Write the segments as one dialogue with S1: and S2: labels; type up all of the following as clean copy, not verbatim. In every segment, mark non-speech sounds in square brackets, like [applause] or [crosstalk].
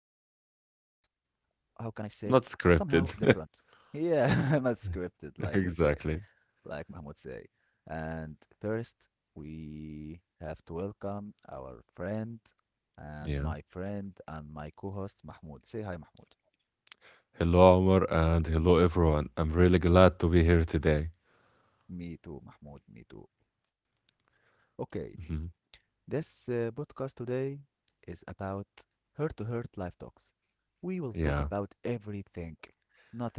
S1: episode is, how
S2: Not
S1: can I say it,
S2: scripted. [laughs]
S1: somehow different. Yeah, [laughs] not
S2: Exactly.
S1: scripted, like we say, like Mahmoud say. And first, we have to welcome our
S2: Yeah.
S1: friend and my co-host Mahmoud. Say hi, Mahmoud.
S2: Hello, Omar, and hello, everyone. I'm really glad to be here today.
S1: Me too, Mahmoud. Me too.
S2: Hmm.
S1: Okay. This podcast today is about heart to heart life talks.
S2: Yeah.
S1: We will talk about everything,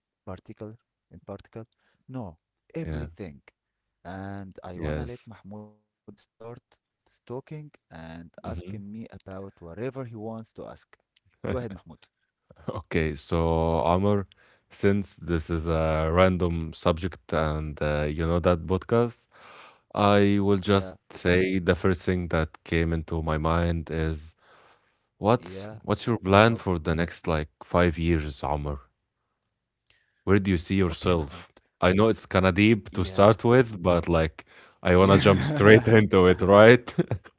S1: nothing particular in particular.
S2: Yeah.
S1: No, everything.
S2: Yes.
S1: And I wanna let Mahmoud start talking
S2: Hmm.
S1: and asking me about whatever he wants to ask.
S2: [laughs]
S1: Go ahead, Mahmoud.
S2: Okay. So, Omar, since this is a random subject and you know that podcast, I will just say
S1: Yeah,
S2: the first thing that came into my mind is what's your
S1: yeah.
S2: plan for
S1: I
S2: the
S1: hope.
S2: next like 5 years, Omar? Where do you see yourself?
S1: Okay,
S2: I know
S1: Mahmoud.
S2: it's kinda deep to start with, but,
S1: Yeah,
S2: like, I wanna jump straight [laughs] into it, right?
S1: yeah,
S2: [laughs]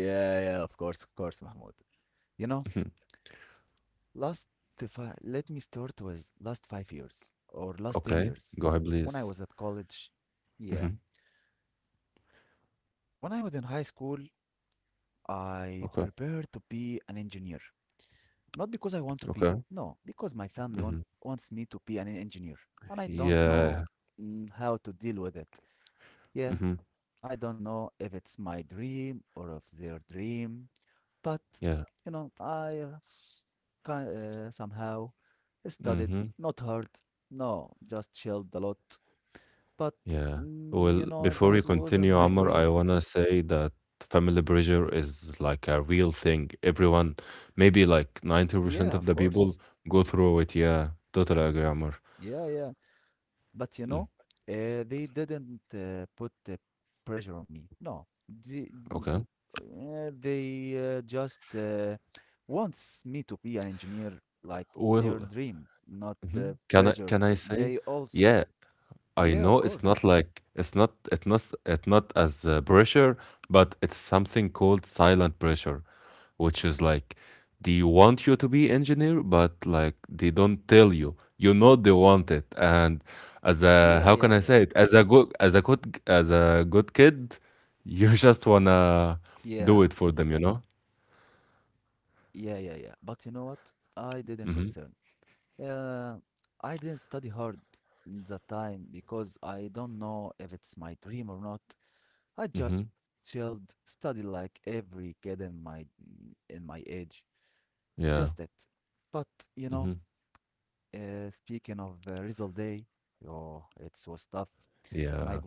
S1: [laughs] yeah, yeah. Of course, Mahmoud. You
S2: Mhm.
S1: know. Last Let me start with last 5 years
S2: Okay.
S1: or
S2: Go
S1: last
S2: ahead,
S1: 10
S2: please.
S1: years. When I was at college,
S2: Mhm.
S1: yeah. When I was in high school,
S2: Okay.
S1: I prepared to be an engineer. Not because I
S2: Okay.
S1: want to be, no, because my
S2: Mhm.
S1: family wants me to be an engineer. And I
S2: Yeah.
S1: don't know how to deal with it.
S2: Mhm.
S1: Yeah, I don't know if it's my dream or if their dream. But,
S2: Yeah.
S1: you know, I somehow
S2: Mhm.
S1: studied, not hard, no, just chilled a lot.
S2: Yeah.
S1: But,
S2: Well, before you
S1: you
S2: continue,
S1: know, it
S2: Amr, I
S1: wasn't
S2: wanna
S1: my
S2: say
S1: dream.
S2: that family pressure is, like, a real thing. Everyone, maybe, like, 90% of the
S1: Yeah,
S2: people
S1: of
S2: go
S1: course.
S2: through it. Yeah. Totally agree, Amr.
S1: Yeah, yeah.
S2: Mm.
S1: But, you know, they didn't put the pressure on me. No, they,
S2: Okay.
S1: uh, they uh, just uh, wants me to be an engineer, like
S2: Well.
S1: their dream,
S2: Mhm.
S1: not
S2: Can I
S1: the
S2: can I say?
S1: pressure.
S2: Yeah,
S1: They all,
S2: I know it's not
S1: yeah, of
S2: like it's
S1: course.
S2: not it's not it's not as pressure, but it's something called silent pressure, which is like they want you to be engineer, but like they don't tell you. You know they want it, and as a how can I say it?
S1: Yeah,
S2: As a
S1: yeah,
S2: good
S1: yeah,
S2: as a good as a good kid, you [laughs] just wanna do it for
S1: yeah,
S2: them, you know?
S1: yeah, yeah, yeah. But you know what? I
S2: Mm-hmm.
S1: didn't concern. Uh, I didn't study hard that time because I don't know if it's my dream or not.
S2: Mm-hmm.
S1: I just chilled, study like every kid in my age.
S2: Yeah.
S1: Just it. But
S2: Mm-hmm.
S1: you know, speaking of result day, oh, it was tough.
S2: Yeah.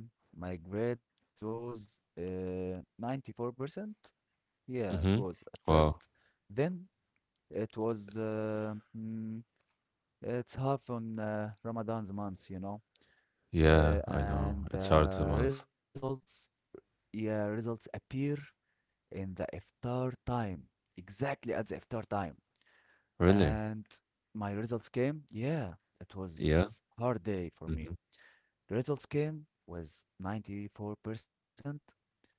S1: My grades came. My grades was 94%. Yeah,
S2: Mm-hmm.
S1: it was at
S2: Wow.
S1: first. Then it was it's half on Ramadan's months, you know,
S2: Yeah, I know. It's hard to
S1: and
S2: mouth.
S1: the results, yeah, results appear in the iftar time, exactly at the iftar time.
S2: Really?
S1: And my results came, yeah,
S2: Yeah.
S1: it was
S2: Hmm.
S1: hard day for me. The results came was 94%,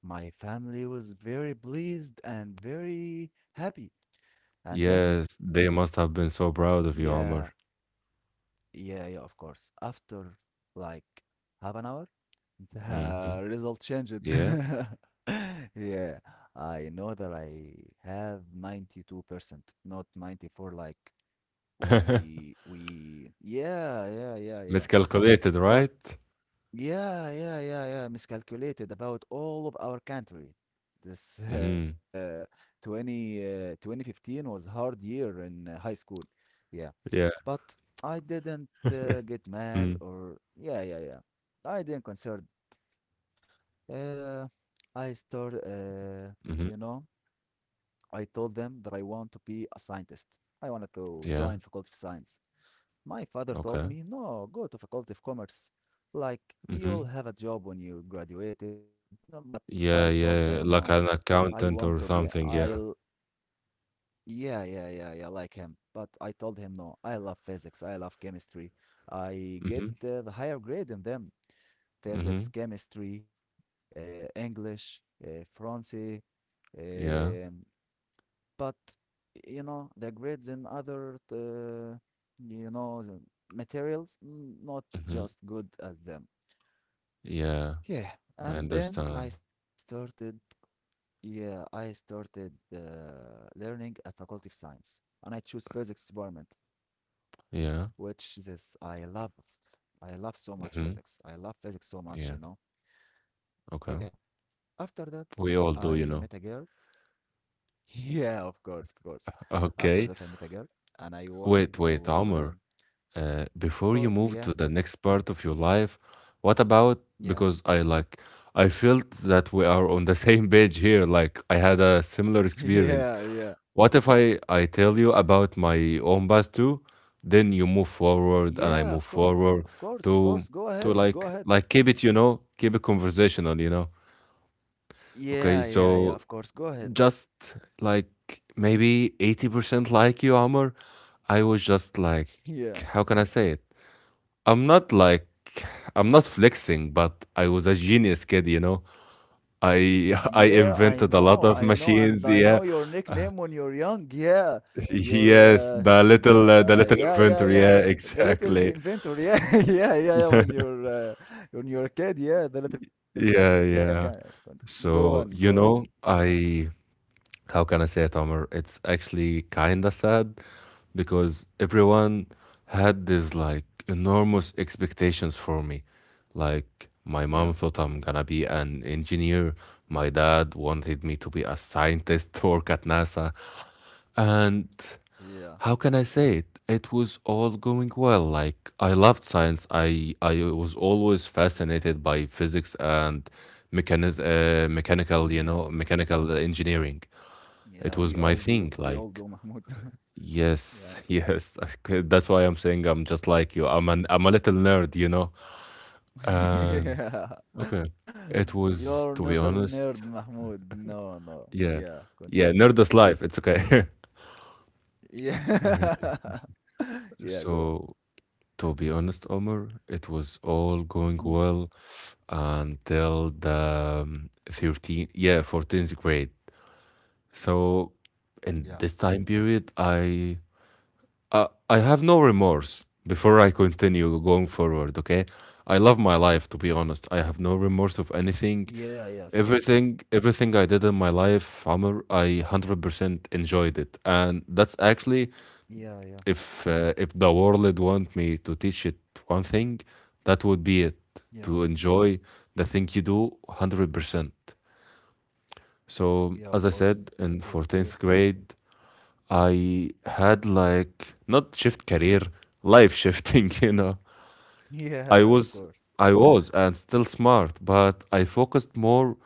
S1: and my family was very pleased and very happy. And
S2: Yes,
S1: then,
S2: they must have been so proud of you, Omar.
S1: yeah. Yeah, yeah, of course. After like half an hour,
S2: Hmm.
S1: [laughs] the
S2: Yeah.
S1: result changed. [laughs] Yeah, I know that I have 92%, not 94 like
S2: [laughs]
S1: we yeah, yeah, yeah,
S2: Miscalculated,
S1: yeah.
S2: right?
S1: But yeah, yeah, yeah, yeah, miscalculated about all of our country.
S2: Mm-hmm.
S1: This [laughs] uh, 20 uh, 2015 was hard year in high school.
S2: Yeah.
S1: Yeah. But I didn't
S2: Mm.
S1: get mad or yeah, yeah, yeah. I didn't concern. Uh, I started, uh,
S2: Mm-hmm.
S1: you know, I told them that I want to be a scientist. I wanted
S2: Yeah.
S1: to join Faculty of Science. My
S2: Okay.
S1: father told me, no, go to Faculty of Commerce.
S2: Mm-hmm.
S1: Like, you'll have a job when you graduated. No, but
S2: Yeah,
S1: I
S2: yeah. Like
S1: told
S2: an
S1: them, no,
S2: accountant
S1: I
S2: or
S1: want to be,
S2: something. Yeah.
S1: I, yeah, yeah, yeah, yeah, like him. But I told him, no, I love physics, I love chemistry.
S2: Mm-hmm.
S1: I get the higher grade in them.
S2: Mm-hmm.
S1: Physics, chemistry, English, French.
S2: Yeah.
S1: Um, but, you know, the grades in you know, the materials,
S2: Mm-hmm.
S1: not just good at them.
S2: Yeah. I
S1: Yeah.
S2: understand.
S1: And then I started, yeah, I started learning at Faculty of Science. And I choose physics department
S2: Yeah.
S1: which this I love. I
S2: Mm-hmm.
S1: love so much physics. I love
S2: Yeah.
S1: physics so much, you know.
S2: Okay.
S1: Yeah. After
S2: We
S1: that,
S2: all do, you know.
S1: I met a girl. [laughs] Yeah, of course, of course.
S2: Okay.
S1: After that, I met a girl, and
S2: Wait,
S1: I
S2: wait,
S1: want to,
S2: Omar. Before you move to
S1: of
S2: the
S1: course,
S2: next
S1: yeah,
S2: part of your life, what about because I like
S1: yeah,
S2: I felt that we are on the [laughs] same page here. Like I had a similar
S1: [laughs]
S2: experience.
S1: yeah, yeah,
S2: What if I tell you about my own past too? Then you move forward and I move
S1: yeah.
S2: forward
S1: Of course, of
S2: to
S1: course, of
S2: to
S1: course.
S2: like
S1: Go
S2: like
S1: ahead,
S2: keep
S1: go
S2: it,
S1: ahead.
S2: keep it conversational. Okay,
S1: Yeah,
S2: so
S1: yeah, yeah. Of course, go ahead.
S2: just like maybe 80% like you, Amr, I was just like,
S1: [laughs]
S2: how can I
S1: Yeah.
S2: say it? I'm not like I'm not flexing, but I was a genius kid. I [laughs] I invented
S1: Yeah,
S2: a lot of
S1: I know,
S2: machines.
S1: and
S2: Yeah,
S1: I
S2: [laughs]
S1: know your
S2: Uh,
S1: nickname when you're young. Yeah,
S2: yes,
S1: you're
S2: the little uh, the little inventor. Yeah, [laughs] exactly.
S1: the little inventor. Yeah, [laughs] yeah, yeah, yeah. When you're a kid, yeah, the little
S2: Yeah,
S1: inventor.
S2: yeah.
S1: Yeah, can
S2: So, you
S1: go on,
S2: know,
S1: go on.
S2: I how can I say it, Omar? It's actually kinda sad because everyone had these like enormous expectations for me. Like my mom thought I'm
S1: Yeah,
S2: gonna be an engineer. My dad wanted me to be a scientist to work at NASA. And how
S1: yeah,
S2: can I say it? It was all going well. Like I loved science. I was always fascinated by physics and mechanical, you know,
S1: yeah,
S2: mechanical engineering. It
S1: yeah.
S2: was my thing,
S1: We
S2: like
S1: all do, Mahmoud. [laughs]
S2: yes,
S1: Yeah,
S2: yes. [laughs] That's why I'm saying, I'm just like you, I'm a little nerd. And
S1: [laughs]
S2: okay,
S1: yeah.
S2: it was,
S1: [laughs]
S2: to be
S1: You're not a
S2: honest,
S1: nerd, Mahmoud. No, no.
S2: yeah,
S1: Yeah,
S2: yeah, nerd
S1: continue,
S2: is
S1: Mahmoud.
S2: life, it's okay. [laughs] Okay.
S1: Yeah. [laughs] Yeah,
S2: So,
S1: go.
S2: to be honest, Omar, it was all going well
S1: Mm.
S2: until the 13, yeah, 14th grade. So in this
S1: Yeah,
S2: time period, I have no remorse before I continue going forward, okay? I love my life,
S1: yeah,
S2: to be honest. I have no
S1: yeah,
S2: remorse of anything.
S1: yeah, yeah, of
S2: Everything
S1: course.
S2: everything I did in my life, Amr, I 100% enjoyed it. And that's actually,
S1: Yeah,
S2: if
S1: yeah,
S2: uh, if the world want me to teach it one thing, that would be it: to enjoy
S1: yeah,
S2: the thing you do 100%. So, as I
S1: yeah, of
S2: said,
S1: course.
S2: in
S1: That's
S2: 14th
S1: great.
S2: grade, I had like, not shift career, life shifting, [laughs]. I
S1: [laughs]
S2: was
S1: Yeah,
S2: I
S1: of
S2: was
S1: course.
S2: and still smart, but I focused more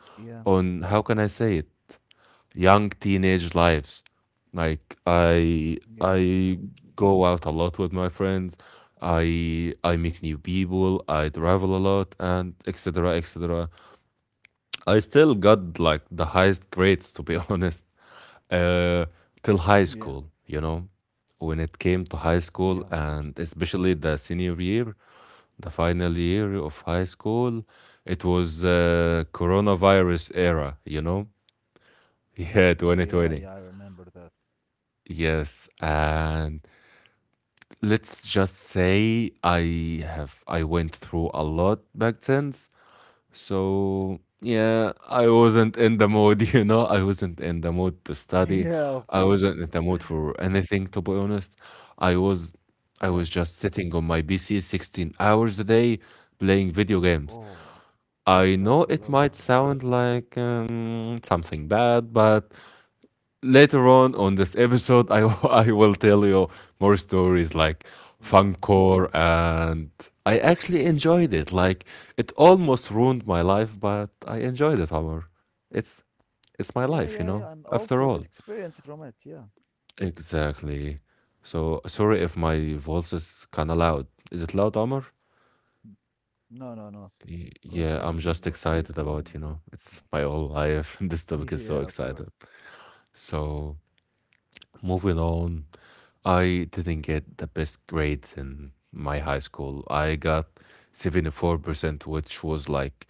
S2: on,
S1: Yeah,
S2: how can I say it? Young teenage lives. Like I
S1: yeah, yeah,
S2: go out a lot with my friends. I meet new people, I travel a lot, and etc, etc. I still got like the highest grades, to be [laughs] honest, uh, till high
S1: yeah,
S2: school, when it came to high school,
S1: yeah, of
S2: and
S1: course.
S2: especially the senior year, the final year of high school, it was coronavirus era, you know? [laughs] Yeah,
S1: Yeah,
S2: 2020.
S1: yeah, I remember that.
S2: Yes, and let's just say I went through a lot back then. So, yeah, I wasn't in the mood, [laughs] I wasn't in the mood to
S1: [laughs]
S2: study.
S1: Yeah,
S2: I
S1: of
S2: wasn't in
S1: course.
S2: the mood for
S1: [laughs]
S2: anything, to be honest. I was I was just
S1: Yeah.
S2: sitting on my PC 16 hours a day playing video games. I
S1: Oh,
S2: know it might
S1: that's a
S2: sound
S1: lot,
S2: like
S1: Mahmoud.
S2: something bad, but later on this episode, I [laughs] I will tell you more stories, like
S1: Yeah,
S2: Funcore, and I actually enjoyed it. Like, it almost ruined my life, but I enjoyed it. However, it's it's my life, you
S1: yeah,
S2: know.
S1: yeah, yeah, and
S2: After all,
S1: also get experience from it. Yeah.
S2: exactly. So sorry if my voice is kind of loud. Is it loud, Amor?
S1: Mm. No,
S2: Y-
S1: no, no.
S2: Yeah, I'm just excited
S1: Continue. Keep
S2: about,
S1: go keep going,
S2: it's my
S1: Mahmoud.
S2: whole life. [laughs] This topic is
S1: [laughs]
S2: so
S1: Yeah, of
S2: exciting.
S1: course.
S2: So, moving on, I didn't get the best grades in my high school. I got 74%, which was like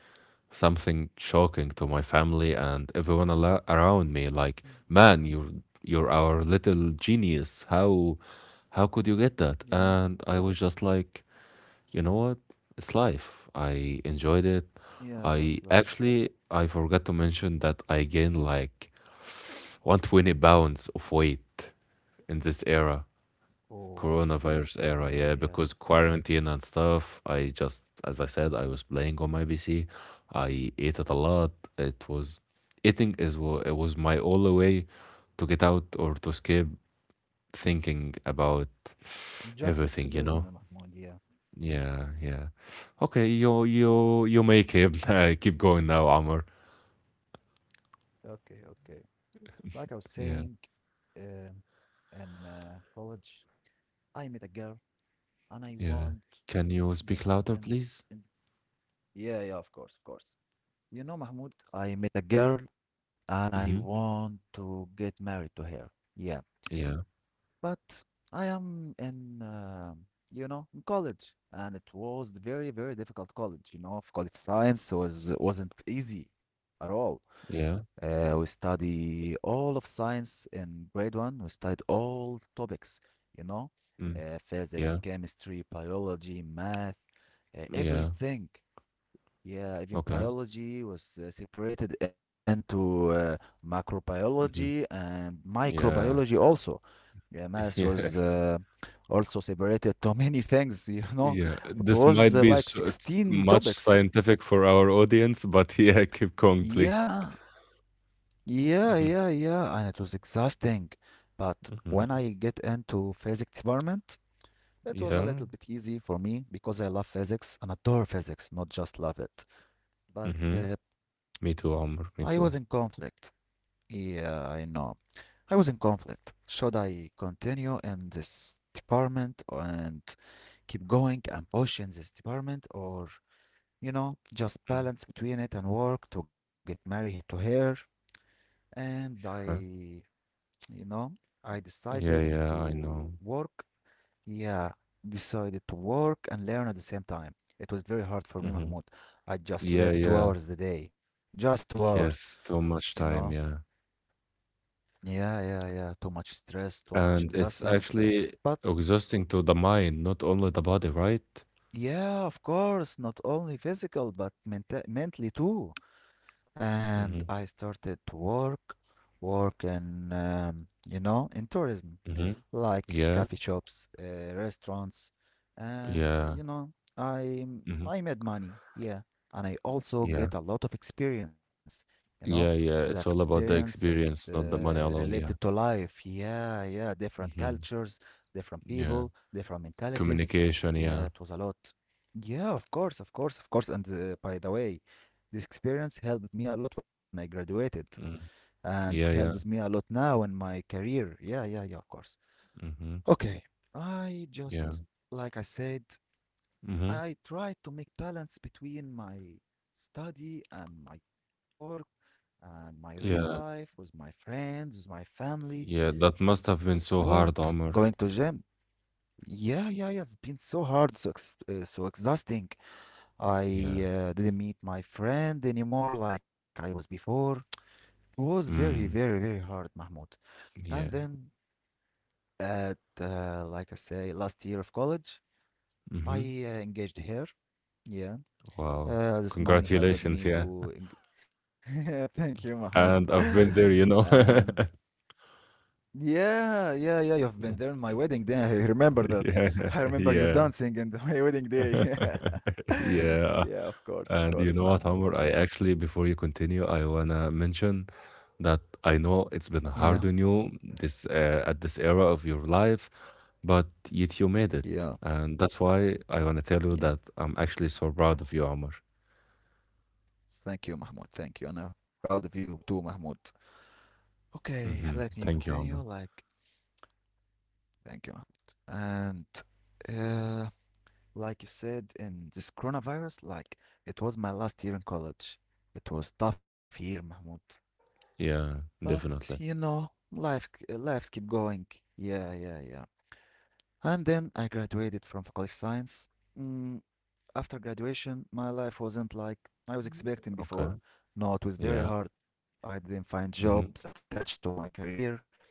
S2: something shocking to my family and everyone around me. Like, man, you're our little genius. How could you get that? And
S1: Yeah,
S2: I was just like, you know what? It's life. I enjoyed it. I,
S1: yeah,
S2: actually,
S1: that's life.
S2: I forgot to mention that I gained like 120 pounds of weight in this era.
S1: Oh,
S2: Coronavirus era, yeah, because
S1: yeah, yeah.
S2: quarantine and stuff, I just, as I said, I was playing on my PC. I ate it a lot. It was, eating is what, it was my only way to get out or to escape thinking about
S1: Just
S2: everything, you know?
S1: escapism, eh, Mahmoud. Yeah.
S2: Yeah, yeah. Okay, you may keep [laughs] keep going now, Amr.
S1: Okay, okay. Like I was
S2: Yeah,
S1: saying, um, in college, I met a girl
S2: yeah.
S1: and I
S2: Can you
S1: want
S2: speak louder, please?
S1: this and this. And yeah, yeah, of course, of course. You know, Mahmoud, I met a girl
S2: Mm-hmm.
S1: and I want to get married to her. Yeah.
S2: Yeah,
S1: But I am in college, and it was very, very difficult college. You know, of College Science wasn't easy at all.
S2: yeah.
S1: We study all of science in grade one. We studied all topics, you
S2: Mm,
S1: know,
S2: yeah,
S1: physics, chemistry, biology, math,
S2: yeah.
S1: everything.
S2: Okay.
S1: Yeah, even biology was separated into
S2: Mm-hmm.
S1: macrobiology and
S2: Yeah.
S1: microbiology also. Yeah,
S2: [laughs]
S1: math was
S2: Yes.
S1: also separated to [laughs] many things, you
S2: Yeah.
S1: know.
S2: This
S1: It
S2: might be s
S1: was
S2: t
S1: like
S2: much
S1: 16
S2: scientific
S1: topics.
S2: for our audience, but [laughs] yeah, keep going, please.
S1: Yeah,
S2: Mhm,
S1: yeah, yeah, yeah, and it was exhausting. But
S2: mhm.
S1: when I get into physics department, it
S2: Yeah.
S1: was a little bit easy for me because I love physics and adore physics, not just love it.
S2: Mhm.
S1: But
S2: Me too, Amr. Me too.
S1: I was in conflict. Yeah, I know. I was in conflict. Should I continue in this department and keep going and push in this department, or, you
S2: Mm,
S1: know, just balance between it and work to get married to her? And
S2: huh.
S1: I, you know, I
S2: Yeah,
S1: decided
S2: yeah, I know.
S1: to work. Yeah, decided to work and learn at the same time. It was very
S2: Mhm.
S1: hard for me, Mahmoud.
S2: Yeah,
S1: I
S2: yeah.
S1: just slept 2 hours a day, just two
S2: Yes, too
S1: hours,
S2: much time,
S1: you
S2: yeah.
S1: know? Yeah, yeah, yeah. Too much stress, too
S2: And
S1: much
S2: it's
S1: exhausting.
S2: actually
S1: But
S2: exhausting to the mind, not only the body, right?
S1: yeah, of course, not only physical but mentally too.
S2: Mhm,
S1: And I started to work, work in, you know, in
S2: mhm.
S1: tourism
S2: Yeah,
S1: like coffee shops, restaurants,
S2: yeah.
S1: and you know,
S2: Mhm.
S1: I I made money, yeah, and I
S2: Yeah.
S1: also get a lot of experience,
S2: Yeah,
S1: you
S2: yeah.
S1: know,
S2: It's all about
S1: that's
S2: the
S1: experience that
S2: experience, not the money alone, yeah.
S1: related to life, yeah, yeah, different
S2: Mhm.
S1: cultures, different
S2: Yeah.
S1: people, different mentalities,
S2: Communication, yeah.
S1: yeah, it was a lot, yeah, of course, of course, of course, and by the way, this experience helped me a lot when I
S2: Mm.
S1: graduated,
S2: Yeah, yeah.
S1: and helps me a lot now in my career, yeah, yeah, yeah, of course.
S2: Mm-hmm.
S1: Okay, I
S2: Yeah.
S1: just, like I said,
S2: Mm-hmm.
S1: I try to make balance between my study and my work and
S2: Yeah.
S1: my real life with my friends, with my family,
S2: Yeah. That must have
S1: with,
S2: been
S1: with
S2: so hard,
S1: sport,
S2: Omar.
S1: going to gym. Yeah, yeah, yeah. It's been so hard, so exhausting.
S2: Yeah.
S1: I didn't meet my friend anymore like I was before. It was
S2: Mm.
S1: very, very, very hard, Mahmoud.
S2: Yeah.
S1: And then at, like I say, last year of college.
S2: Mm-hmm.
S1: I engaged her. Yeah.
S2: Wow.
S1: This
S2: Congratulations,
S1: money
S2: yeah.
S1: helped me to. [laughs] Thank you,
S2: And I've
S1: Mahmoud.
S2: been there,
S1: [laughs]
S2: you know. [laughs]
S1: Um, yeah, yeah, yeah. You've been there on my wedding day. I remember that.
S2: Yeah.
S1: I
S2: Yeah.
S1: remember you dancing in [laughs] my wedding day. [laughs]
S2: [laughs] Yeah. And
S1: Yeah,
S2: you know what,
S1: of
S2: Omar? I
S1: course, Mahmoud.
S2: actually, before you continue, I wanna mention that I know it's been hard on
S1: Yeah,
S2: you this, at this era of your life, but yet you made it,
S1: yeah,
S2: and that's why I want to tell you that
S1: yeah.
S2: I'm actually so proud of you, Amr.
S1: Thank you, Mahmoud. Thank you. And I'm proud of you too, Mahmoud.
S2: Hmm.
S1: Okay,
S2: Thank
S1: let
S2: you,
S1: me
S2: Amr.
S1: continue. Like, thank you, Mahmoud. And uh, like you said, in this coronavirus, like it was my last year in college. It was tough year, Mahmoud.
S2: Yeah, definitely.
S1: But you know, life lives keep going. Yeah, yeah, yeah. And then I graduated from Faculty of Science. Mm, After graduation, my life wasn't like I was
S2: Okay.
S1: expecting before.
S2: Yeah.
S1: No, it was very hard. I didn't
S2: Hmm.
S1: find job that attached to my career.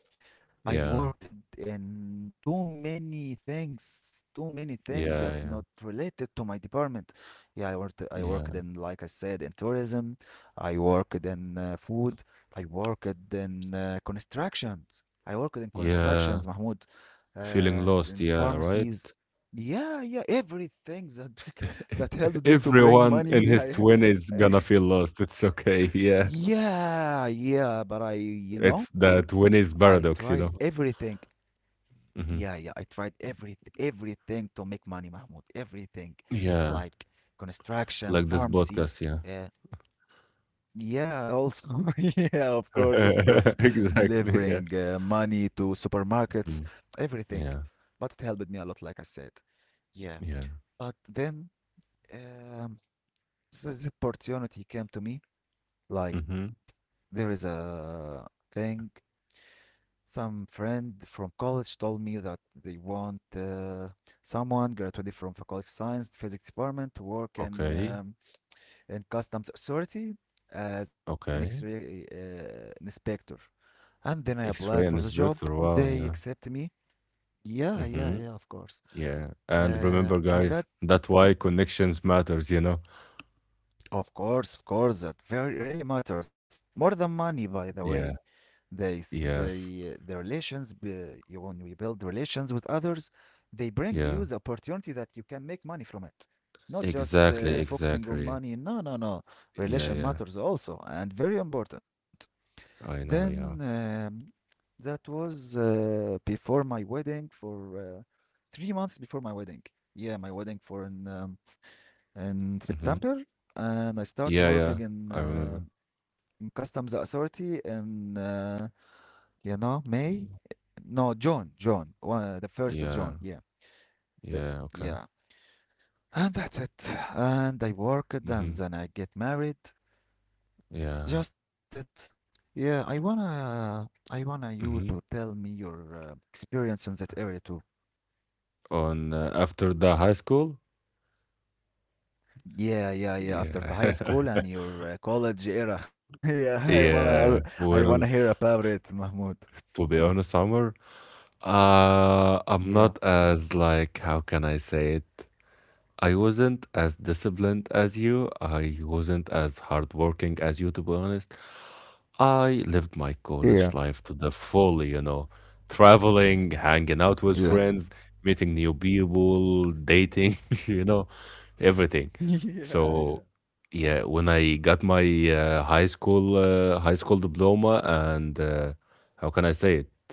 S1: I
S2: Yeah.
S1: worked in too many things that
S2: Yeah. Yeah.
S1: not related to my department. Yeah, I worked, I
S2: Yeah.
S1: worked in, like I said, in tourism. I worked in food. I worked in constructions. I worked in
S2: Yeah.
S1: constructions, Mahmoud,
S2: Feeling lost. Yeah.
S1: and in
S2: Right.
S1: pharmacies. Yeah, yeah, everything that
S2: [laughs]
S1: [laughs] that helped
S2: Everyone
S1: me to
S2: in his
S1: bring money.
S2: twenties
S1: Yeah,
S2: gonna feel lost.
S1: yeah,
S2: It's okay. [laughs] Yeah.
S1: [laughs] yeah, yeah. But
S2: It's
S1: you
S2: the
S1: know,
S2: twenties paradox,
S1: I
S2: you know.
S1: tried everything.
S2: Hmm.
S1: Yeah, yeah, I tried everything to make money, Mahmoud. Everything,
S2: Yeah.
S1: like
S2: Like this
S1: construction,
S2: podcast. Yeah.
S1: pharmacy. Uh, yeah, also, [laughs] yeah, of
S2: [laughs]
S1: course,
S2: Exactly, yeah.
S1: delivering money to
S2: Mm,
S1: supermarkets,
S2: yeah,
S1: everything. But it helped me a lot, like I said.
S2: yeah.
S1: Yeah, but then um, this opportunity came to me.
S2: Mhm.
S1: Like there is a thing. Some friend from college told me that they want someone graduated from Faculty of Science, Physics Department to work
S2: Okay,
S1: in Customs Authority as
S2: okay.
S1: an X-ray inspector. And then I
S2: X-ray
S1: applied for the
S2: inspector,
S1: job.
S2: wow, yeah.
S1: They accepted me. Yeah,
S2: Mhm.
S1: yeah, yeah, of course.
S2: Yeah. And remember, guys,
S1: And
S2: that's
S1: that
S2: why connections matters, you know?
S1: Of course, that very really matters more than money,
S2: Yeah.
S1: by the way. They s-
S2: Yes.
S1: the relations be- you when we build relations with others, they
S2: Yeah.
S1: brings you the opportunity that you can make money from it.
S2: Exactly,
S1: Not just
S2: exactly.
S1: focusing on money. No, no, no.
S2: Yeah, yeah.
S1: Relation matters also and very important.
S2: I know, yeah.
S1: Then That was before my wedding for uh, 3 months before my wedding. Yeah, my wedding for
S2: Mhm.
S1: in September,
S2: Yeah,
S1: and I
S2: yeah.
S1: start
S2: I
S1: working
S2: remember.
S1: in customs authority in
S2: Mhm.
S1: May, no June, the first
S2: Yeah.
S1: of June, yeah,
S2: Yeah,
S1: Fi-
S2: okay.
S1: yeah, and that's it. And I
S2: Mhm.
S1: worked, and then I get married.
S2: Yeah.
S1: Just it. Yeah, I wanna you
S2: Mhm.
S1: to tell me your experience on that area too.
S2: On, after the high school?
S1: Yeah, yeah, yeah. After the
S2: Yeah.
S1: high
S2: [laughs]
S1: school and your college era. [laughs] Yeah,
S2: Yeah, well,
S1: I wanna hear about it, Mahmoud.
S2: to be honest, Omar, I'm not
S1: Yeah.
S2: as, like, how can I say it? I wasn't as disciplined as you. I wasn't as hardworking as you, to be honest. I lived my college
S1: Yeah,
S2: life to the full, traveling, hanging out with
S1: yeah,
S2: friends, meeting new people, dating, [laughs] you know, everything.
S1: [laughs]
S2: So,
S1: yeah, yeah,
S2: yeah, when I got my high school diploma, and how can I say it?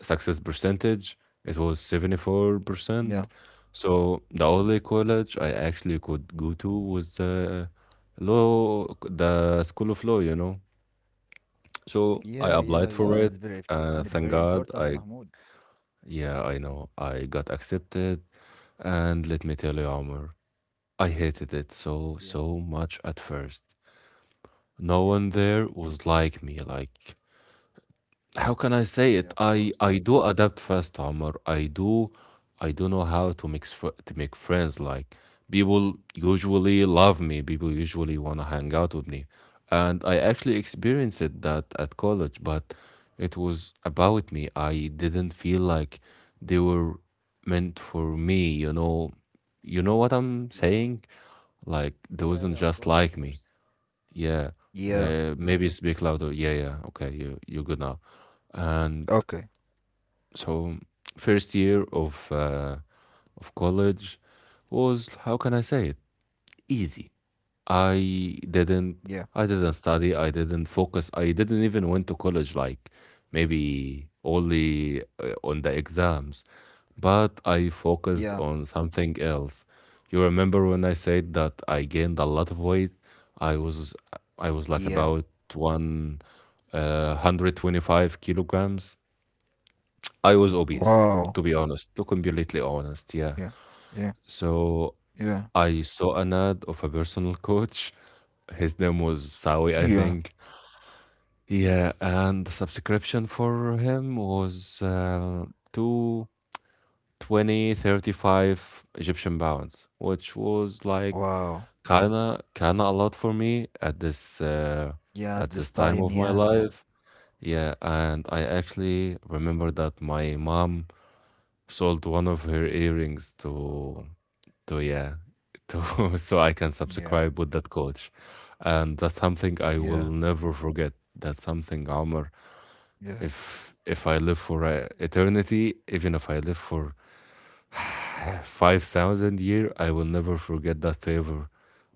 S2: Success percentage, it was 74%.
S1: yeah,
S2: So, the only college I actually could go to was law, the School of Law. So I
S1: yeah,
S2: applied
S1: yeah,
S2: for
S1: yeah. And
S2: it.
S1: it's
S2: Thank
S1: very
S2: God. I
S1: important, Mahmoud.
S2: yeah, I know. I got accepted. And let me tell you, Omar, I hated it so, so much
S1: Yeah,
S2: at first. No one there
S1: yeah,
S2: was like me. Like, how can I say
S1: yeah.
S2: it?
S1: Of
S2: I
S1: course.
S2: I do adapt fast, Omar. I do know how to mix to make friends. Like, people usually love me. People usually wanna hang out with me, and I actually experienced it that at college. But it was about me. I didn't feel like they were meant for me. You know what I'm saying?
S1: Yeah,
S2: Like, they wasn't just
S1: yeah,
S2: like
S1: yeah. Of
S2: me.
S1: course, of course.
S2: Yeah. Maybe
S1: Yeah.
S2: speak louder. Yeah, yeah. Okay, you're good now. And
S1: Okay.
S2: so, first year of college was, how can I say it? Easy. I didn't I
S1: Yeah,
S2: didn't study, I didn't focus, I didn't even went to college, like maybe only on the exams, but I focused on
S1: yeah,
S2: something else. You remember when I said that I gained a lot of weight? I was I was like about
S1: yeah.
S2: 125 kilograms. I was obese,
S1: Wow.
S2: to be honest, to completely honest, yeah.
S1: Yeah, yeah,
S2: So
S1: yeah,
S2: I saw an ad of a personal coach. His name was Sawi, I think.
S1: yeah.
S2: Yeah, and the subscription for him was two 2035 Egyptian pounds, which was like
S1: Wow.
S2: kinda a lot for me at this time
S1: Yeah.
S2: of my
S1: This time.
S2: life.
S1: Yeah,
S2: Yeah, and I actually remember that my mom sold one of her earrings to So yeah [laughs] so I can subscribe with that
S1: yeah,
S2: coach, and that's something I will
S1: yeah,
S2: never forget. That's something, Omar.
S1: yeah,
S2: If I live for eternity, even if I live for [sighs] 5,000 year, I will never forget that favor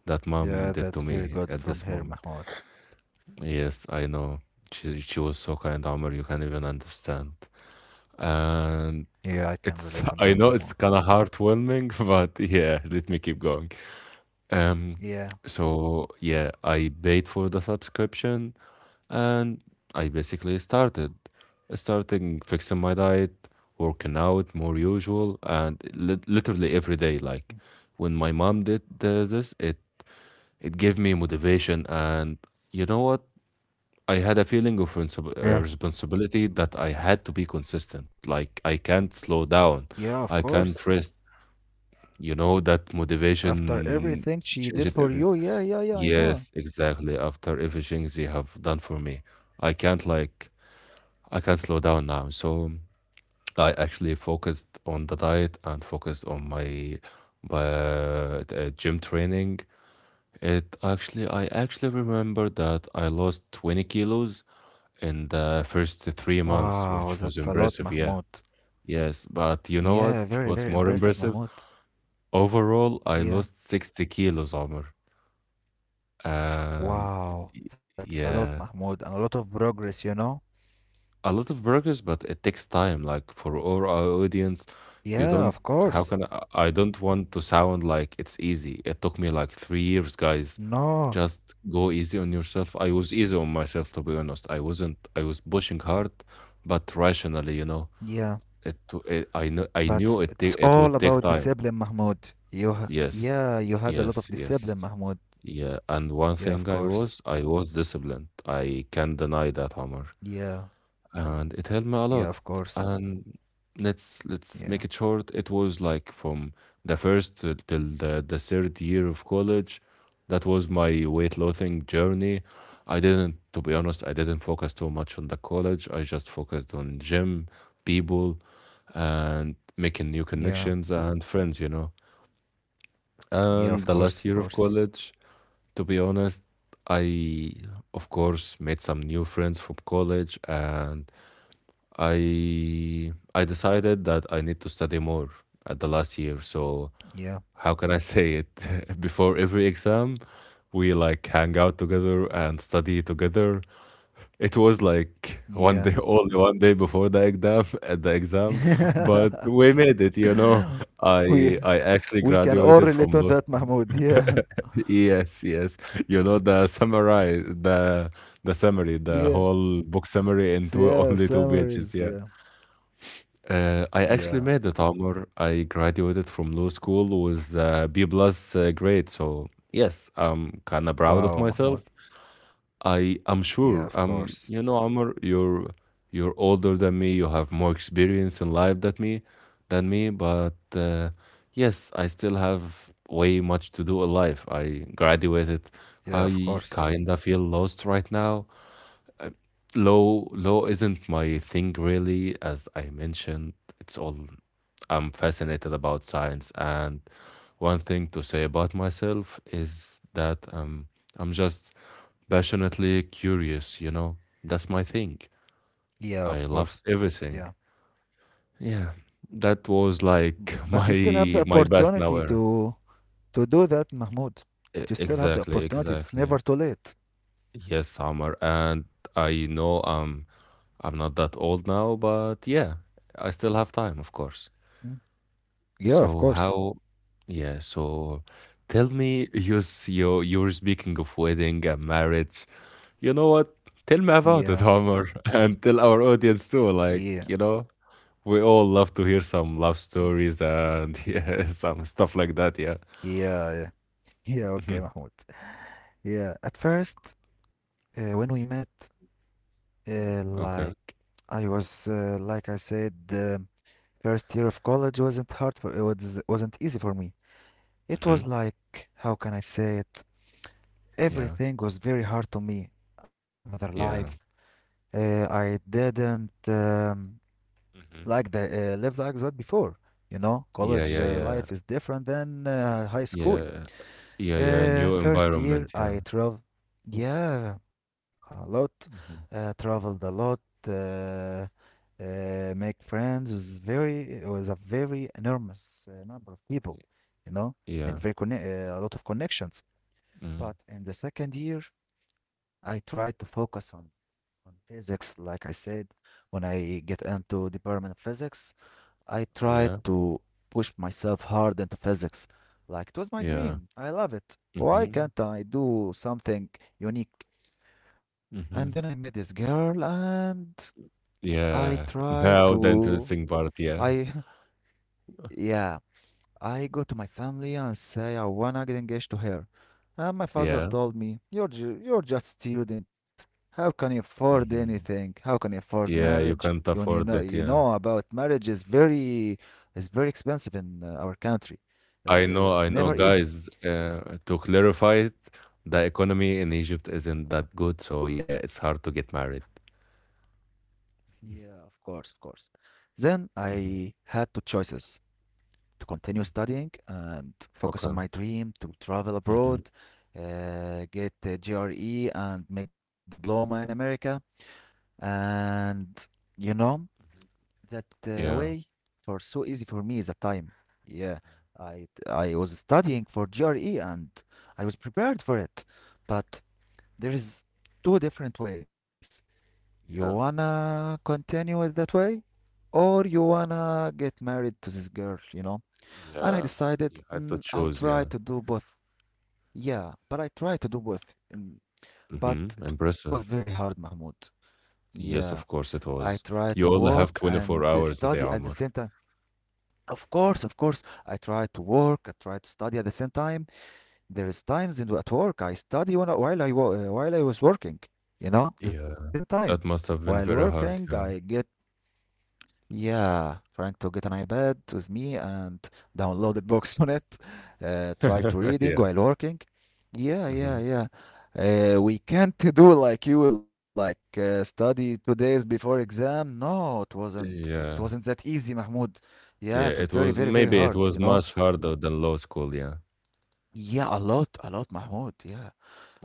S2: that mom did to me
S1: yeah.
S2: at
S1: That's
S2: this
S1: very good
S2: moment.
S1: from here, Mahmoud.
S2: Yes, I know she was so kind, Omar. You can't even understand, and
S1: Yeah, I
S2: it's
S1: can
S2: [laughs] I
S1: relate
S2: know
S1: on
S2: it's
S1: that,
S2: kind of
S1: Mahmoud.
S2: heartwarming, [laughs] but yeah, let me keep going. Um,
S1: Yeah.
S2: so yeah, I paid for the subscription and I basically started starting fixing my diet, working out more usual, and literally every day. Like
S1: Mm.
S2: when my mom did this, it it gave me motivation, and you know what? I had a feeling of
S1: Yeah.
S2: responsibility that I had to be consistent. Like I can't slow down,
S1: Yeah, of
S2: I can't
S1: course.
S2: rest. You know that
S1: After
S2: motivation
S1: everything she
S2: changed
S1: did
S2: everything.
S1: for you, yeah, yeah, yeah, I
S2: Yes,
S1: know.
S2: exactly. After everything they have done for me, I can't like I can't slow down now. So I actually focused on the diet and focused on my gym training. It actually I actually remember that I lost 20 kilos in the first 3 months,
S1: Wow,
S2: which was
S1: that's a lot,
S2: impressive. Yeah.
S1: Mahmoud.
S2: Yes, but you know what?
S1: Yeah,
S2: [laughs]
S1: very,
S2: What's
S1: very
S2: more
S1: impressive,
S2: impressive?
S1: Mahmoud.
S2: Overall, I lost
S1: Yeah.
S2: 60 kilos, Omar. And y-
S1: Wow, that's
S2: yeah,
S1: a lot, Mahmoud, and a lot of progress, you know?
S2: a lot of burgers, but it takes time. Like for our audience, you don't.
S1: Yeah, of
S2: How can
S1: course.
S2: I? I don't want to sound like it's easy. It took me like 3 years, guys. Just
S1: No,
S2: go easy on yourself. I was easy on myself, to be honest. I wasn't. I was pushing hard, but rationally, you know.
S1: yeah,
S2: It. To- it I know. I knew it.
S1: but
S2: It
S1: it's
S2: would take
S1: all
S2: time.
S1: about discipline, Mahmoud.
S2: Yes.
S1: Yeah,
S2: Yes.
S1: you had a lot of
S2: Yes.
S1: discipline,
S2: Yeah.
S1: Mahmoud.
S2: And one thing
S1: Yeah, of
S2: I was
S1: course.
S2: disciplined. I can't deny that, Omar.
S1: Yeah,
S2: And it helped me a lot.
S1: yeah, of course.
S2: And let's make it
S1: Yeah,
S2: short. It was like from till the third year of college. That was my weight loathing journey. I didn't, to be honest, I didn't focus too much on the college. I just focused on gym, people, and making new connections
S1: yeah,
S2: and friends, you know. And the
S1: yeah,
S2: last
S1: of
S2: year of
S1: course, of
S2: college,
S1: course.
S2: to be honest, I, of course, made some new friends from college and I decided that I need to study more at the last year. So how
S1: Yeah,
S2: can I say it? [laughs] Before every exam, we like hang out together and study together. It was like one day, [laughs]
S1: yeah.
S2: only one day before the exam, [laughs] at the exam, but we
S1: [laughs]
S2: made it. You know, I
S1: we
S2: actually
S1: we
S2: graduated
S1: can
S2: from
S1: all
S2: law.
S1: relate
S2: [laughs]
S1: on that, Mahmoud. Yeah,
S2: Yes, yes. You know the summary, the
S1: yeah,
S2: whole book summary in two [laughs] only
S1: Yeah.
S2: two pages.
S1: Summaries.
S2: Yeah.
S1: Yeah,
S2: I actually made
S1: yeah.
S2: it, Amr. I graduated from law school with a B plus grade, so yes, I'm kind of proud of myself.
S1: Wow, Mahmoud.
S2: I'm sure.
S1: Yeah, of
S2: You know,
S1: course.
S2: Amr, you're older than me. You have more experience in life than me, But yes, I still have way much to do in life. I graduated. I
S1: Yeah, of
S2: kind of
S1: course.
S2: feel lost right now. Law isn't my thing really, as I mentioned. It's all I'm fascinated about science, and one thing to say about myself is that I'm just passionately curious. You know, that's my thing.
S1: Yeah,
S2: I
S1: of
S2: love
S1: course.
S2: everything.
S1: Yeah,
S2: Yeah, that was like [laughs]
S1: but you still
S2: my
S1: have
S2: my
S1: the
S2: best now era.
S1: opportunity to do that, Mahmoud. But you
S2: Exactly,
S1: still have the
S2: exactly.
S1: opportunity. It's never too late.
S2: Yes, Summer, and I know I'm not that old now, but yeah, I still have time, of course.
S1: Mm.
S2: So
S1: Yeah, of
S2: how,
S1: course.
S2: yeah, so tell me, you're speaking of wedding and marriage. You know what? Tell me about it,
S1: Yeah,
S2: Homer, [laughs] and tell our audience too. Like, you
S1: yeah,
S2: know, we all love to hear some love
S1: yeah,
S2: stories and [laughs] yeah, some stuff like that, yeah.
S1: yeah, yeah.
S2: Mhm.
S1: Yeah, okay, Mahmoud. Yeah. At first, when we met, Uh,
S2: Okay.
S1: like I was, like I said, the first year of college wasn't hard for it was, wasn't easy for me.
S2: Hmm.
S1: It was like, how can I say it?
S2: Yeah.
S1: Everything was very hard to me. Another
S2: Yeah.
S1: life. I didn't
S2: Hmm.
S1: like the live like that before. You know,
S2: Yeah, yeah,
S1: college
S2: yeah.
S1: life is different than high
S2: Yeah.
S1: school.
S2: Yeah, yeah. New environment,
S1: First
S2: yeah.
S1: year I traveled, yeah, a lot.
S2: Hmm.
S1: Traveled a lot. Make friends was a very enormous number of people, you know,
S2: Yeah.
S1: made very conne a lot of connections.
S2: Mm.
S1: But in the second year, I tried to focus on physics, like I said, when I get into department of physics. I
S2: Yeah.
S1: tried to push myself hard into physics, like it was
S2: Yeah.
S1: my dream. I love it.
S2: Mm-hmm.
S1: Why can't I do something unique?
S2: Mm-hmm.
S1: And then I met this girl and I
S2: Yeah. [laughs]
S1: tried
S2: Now the
S1: to.
S2: interesting part. Yeah.
S1: I. [laughs] Yeah. I go to my family and say I wanna get engaged to her. And
S2: Yeah.
S1: my father told me, "You're, you're just student. How can you
S2: Mm-hmm.
S1: afford anything? How can you afford
S2: Yeah. You
S1: marriage?
S2: can't afford that.
S1: You
S2: Yeah.
S1: know about marriage is very expensive in our country."
S2: I know. I know,
S1: It's never
S2: guys.
S1: easy.
S2: To clarify it, the economy in Egypt isn't that good. So yeah, it's hard to get married.
S1: Yeah, of course, of course. Then
S2: Mm-hmm.
S1: I had two choices to continue studying and
S2: Okay.
S1: focus on my dream to
S2: Mm-hmm.
S1: travel abroad, get a GRE and make diploma in America. And you know, that
S2: Yeah.
S1: way for so easy for me is the time. Yeah, I was studying for GRE and I was prepared for it. But there is two different ways.
S2: Yeah.
S1: You wanna continue it that way, or you wanna get married to this girl, you know? And
S2: Yeah.
S1: I
S2: You
S1: decided
S2: had to choose.
S1: I'll
S2: Yeah.
S1: try to do both. Yeah, but I tried to do both, and,
S2: Mm-hmm.
S1: but it was
S2: Impressive.
S1: very hard, Mahmoud.
S2: Yes,
S1: Yeah,
S2: of course it
S1: I
S2: was.
S1: try to
S2: You
S1: work
S2: only have
S1: and
S2: 24
S1: study
S2: hours a
S1: at the
S2: day,
S1: same
S2: Omar.
S1: time. Of course, I try to work, I try to study at the same time. There is times in at work I study while while I was working, you know, the same
S2: Yeah,
S1: time.
S2: that must
S1: While
S2: have been very
S1: working, I
S2: hard,
S1: get
S2: yeah.
S1: yeah, trying to get an iPad with me and downloaded books [laughs] on it. Try to
S2: [laughs]
S1: reading
S2: Yeah,
S1: while working. Yeah, yeah,
S2: mhm.
S1: yeah. We can't [laughs] do like you like study 2 days before exam. No, it wasn't. It wasn't that
S2: Yeah,
S1: easy, Mahmoud. Yeah, it was very,
S2: yeah,
S1: very,
S2: it
S1: very
S2: was
S1: hard. You
S2: maybe it
S1: know.
S2: was much harder than law school, yeah.
S1: Yeah, a lot, Mahmoud. Yeah.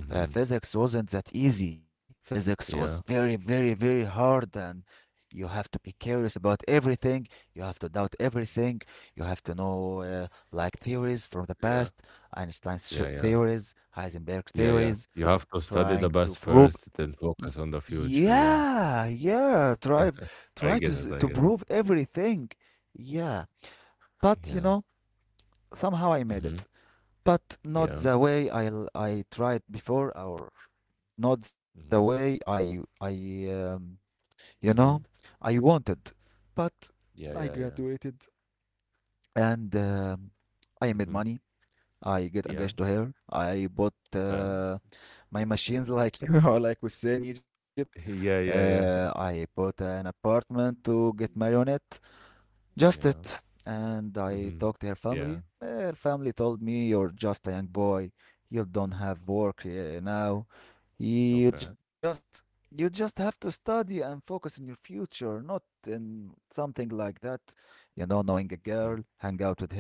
S1: Physics wasn't that easy. Physics was very,
S2: Yeah,
S1: very, very hard, and you have to be curious about everything. You have to doubt everything. You have to know like theories from the past,
S2: yeah, yeah, yeah,
S1: Theories, Heisenberg
S2: yeah, yeah.
S1: theories,
S2: You have to study the
S1: trying to
S2: past
S1: prove.
S2: first, then focus on the future, yeah.
S1: Yeah, yeah.
S2: [laughs]
S1: Try to to
S2: I get
S1: prove
S2: it, I get it.
S1: everything. Yeah, but you know
S2: Yeah.
S1: somehow I made it,
S2: Mhm.
S1: but not the
S2: Yeah.
S1: way I tried before or not the way
S2: Mhm.
S1: I you know I
S2: Mhm.
S1: wanted, but I
S2: Yeah, yeah,
S1: graduated
S2: yeah.
S1: and I made money.
S2: Mhm.
S1: I get engaged to
S2: Yeah.
S1: her. I bought
S2: Okay.
S1: my machines like you [laughs] know, like we say in Egypt.
S2: [laughs] Yeah, yeah, yeah.
S1: I bought an apartment to get married on it.
S2: [laughs]
S1: Just it.
S2: Yeah.
S1: And I talked to her
S2: Mhm.
S1: family.
S2: Yeah.
S1: Her family told me, "You're just a young boy. You don't have work now. You
S2: Okay.
S1: just. You just have to study and focus on your future, not in something like that. You know, knowing a girl, hang
S2: Mhm.
S1: out with her,